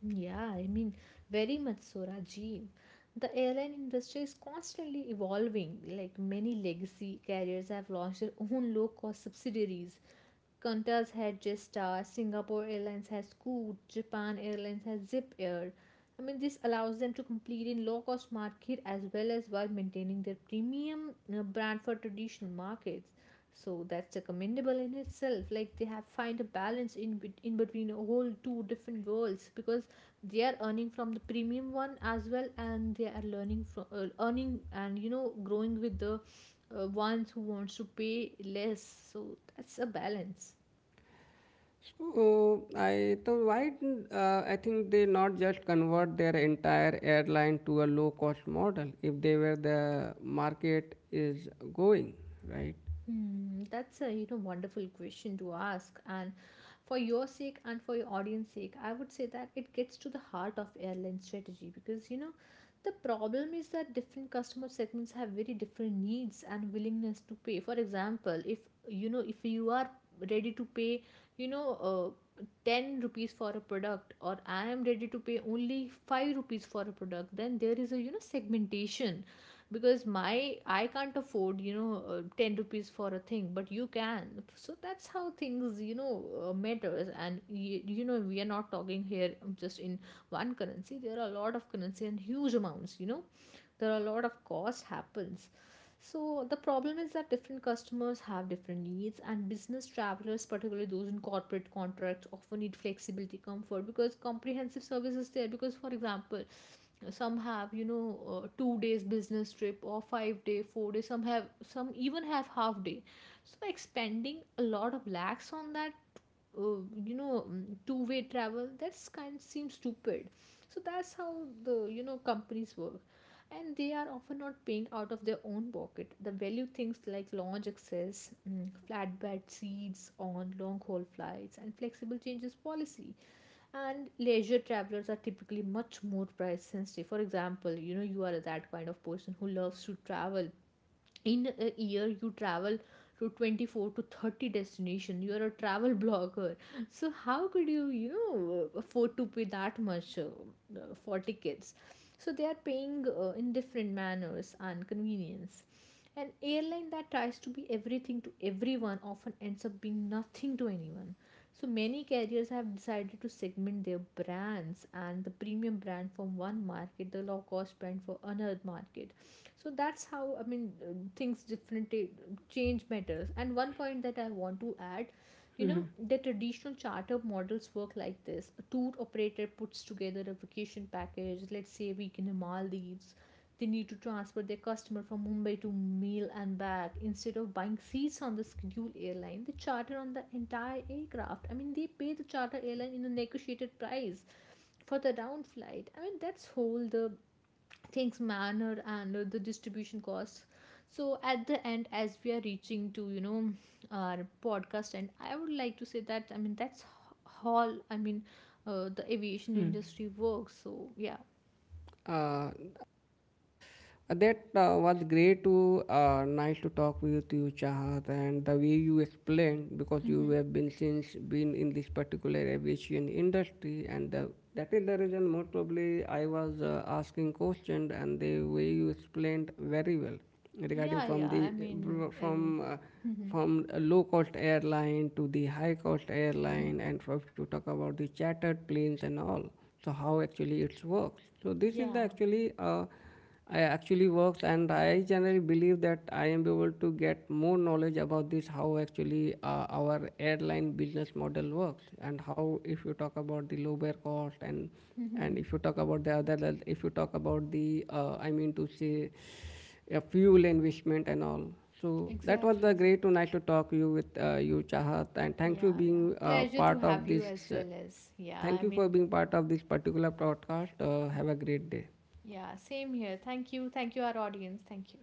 Speaker 2: Yeah, I mean, very much so, Rajiv. The airline industry is constantly evolving. Like many legacy carriers have launched their own low cost subsidiaries. Qantas had Jetstar, Singapore Airlines has Scoot, Japan Airlines has Zip Air. I mean, this allows them to compete in low cost market as well as while maintaining their premium uh, brand for traditional markets. So that's commendable in itself, like they have find a balance in bet- in between a whole two different worlds, because they are earning from the premium one as well, and they are learning from, uh, earning and, you know, growing with the, uh, ones who wants to pay less. So that's a balance.
Speaker 1: So I so why didn't, uh, I think they not just convert their entire airline to a low cost model if they were the market is going, right?
Speaker 2: Hmm, that's a, you know, wonderful question to ask, and for your sake and for your audience sake, I would say that it gets to the heart of airline strategy because, you know, the problem is that different customer segments have very different needs and willingness to pay. For example, if, you know, if you are ready to pay, you know, uh, ten rupees for a product, or I am ready to pay only five rupees for a product, then there is a, you know, segmentation. Because my I can't afford, you know, uh, ten rupees for a thing but you can. So that's how things, you know, uh, matters. And you, you know, we are not talking here just in one currency. There are a lot of currency and huge amounts, you know. There are a lot of cost happens. So the problem is that different customers have different needs, and business travelers, particularly those in corporate contracts, often need flexibility comfort because comprehensive service is there. Because, for example, some have, you know, uh, two days business trip or five day four day, some have, some even have half day. So by expending a lot of lakhs on that, uh, you know, two way travel, that's kind seems stupid. So that's how the, you know, companies work. And they are often not paying out of their own pocket. The value things like lounge access, mm, flatbed seats on long haul flights, and flexible changes policy. And leisure travelers are typically much more price sensitive. For example, you know, you are that kind of person who loves to travel. In a year you travel to twenty-four to thirty destination, you're a travel blogger. So how could you, you know, afford to pay that much, uh, uh, for tickets? So they are paying, uh, in different manners and convenience. An airline that tries to be everything to everyone often ends up being nothing to anyone. So many carriers have decided to segment their brands, and the premium brand from one market, the low cost brand for another market. So that's how, I mean, uh, things differently change matters. And one point that I want to add, you know,
Speaker 1: Mhm.
Speaker 2: the traditional charter models work like this. A tour operator puts together a vacation package, let's say a week in the Maldives. They need to transfer their customer from Mumbai to meal and back. Instead of buying seats on the scheduled airline, they charter on the entire aircraft. I mean, they pay the charter airline in a negotiated price for the round flight. I mean, that's whole the things manner and, uh, the distribution costs. So at the end, as we are reaching to, you know, our podcast, and I would like to say that, I mean, that's all. I mean, uh, the aviation industry works. So yeah.
Speaker 1: Mhm. Uh, That uh, was great to uh, nice to talk with you, Chahat, and the way you explained because you have been since been in this particular aviation industry, and the, that is the reason most probably I was uh, asking questions, and the way you explained very well regarding
Speaker 2: Yeah,
Speaker 1: from
Speaker 2: yeah,
Speaker 1: the
Speaker 2: I mean,
Speaker 1: uh,
Speaker 2: um,
Speaker 1: from uh, from a low cost airline to the high cost airline, and for if you talk about the chartered planes and all, so how actually it works. So this is
Speaker 2: yeah.
Speaker 1: the actually. Uh, I actually works, and I generally believe that I am able to get more knowledge about this how actually uh, our airline business model works, and how if you talk about the low fare cost and and if you talk about the other if you talk about the uh, I mean to say a fuel investment and all. So that was
Speaker 2: Exactly,
Speaker 1: the
Speaker 2: exactly.
Speaker 1: great to nice to talk you with uh, you Chahat, and thank you
Speaker 2: Yeah,
Speaker 1: being
Speaker 2: yeah,
Speaker 1: uh,
Speaker 2: pleasure to
Speaker 1: part of
Speaker 2: have you
Speaker 1: this.
Speaker 2: as
Speaker 1: Uh,
Speaker 2: well. As yeah,
Speaker 1: thank
Speaker 2: I
Speaker 1: you for
Speaker 2: mean,
Speaker 1: being part of this particular podcast. Uh, have a great day.
Speaker 2: yeah, same here. Thank you, thank you, our audience. Thank you.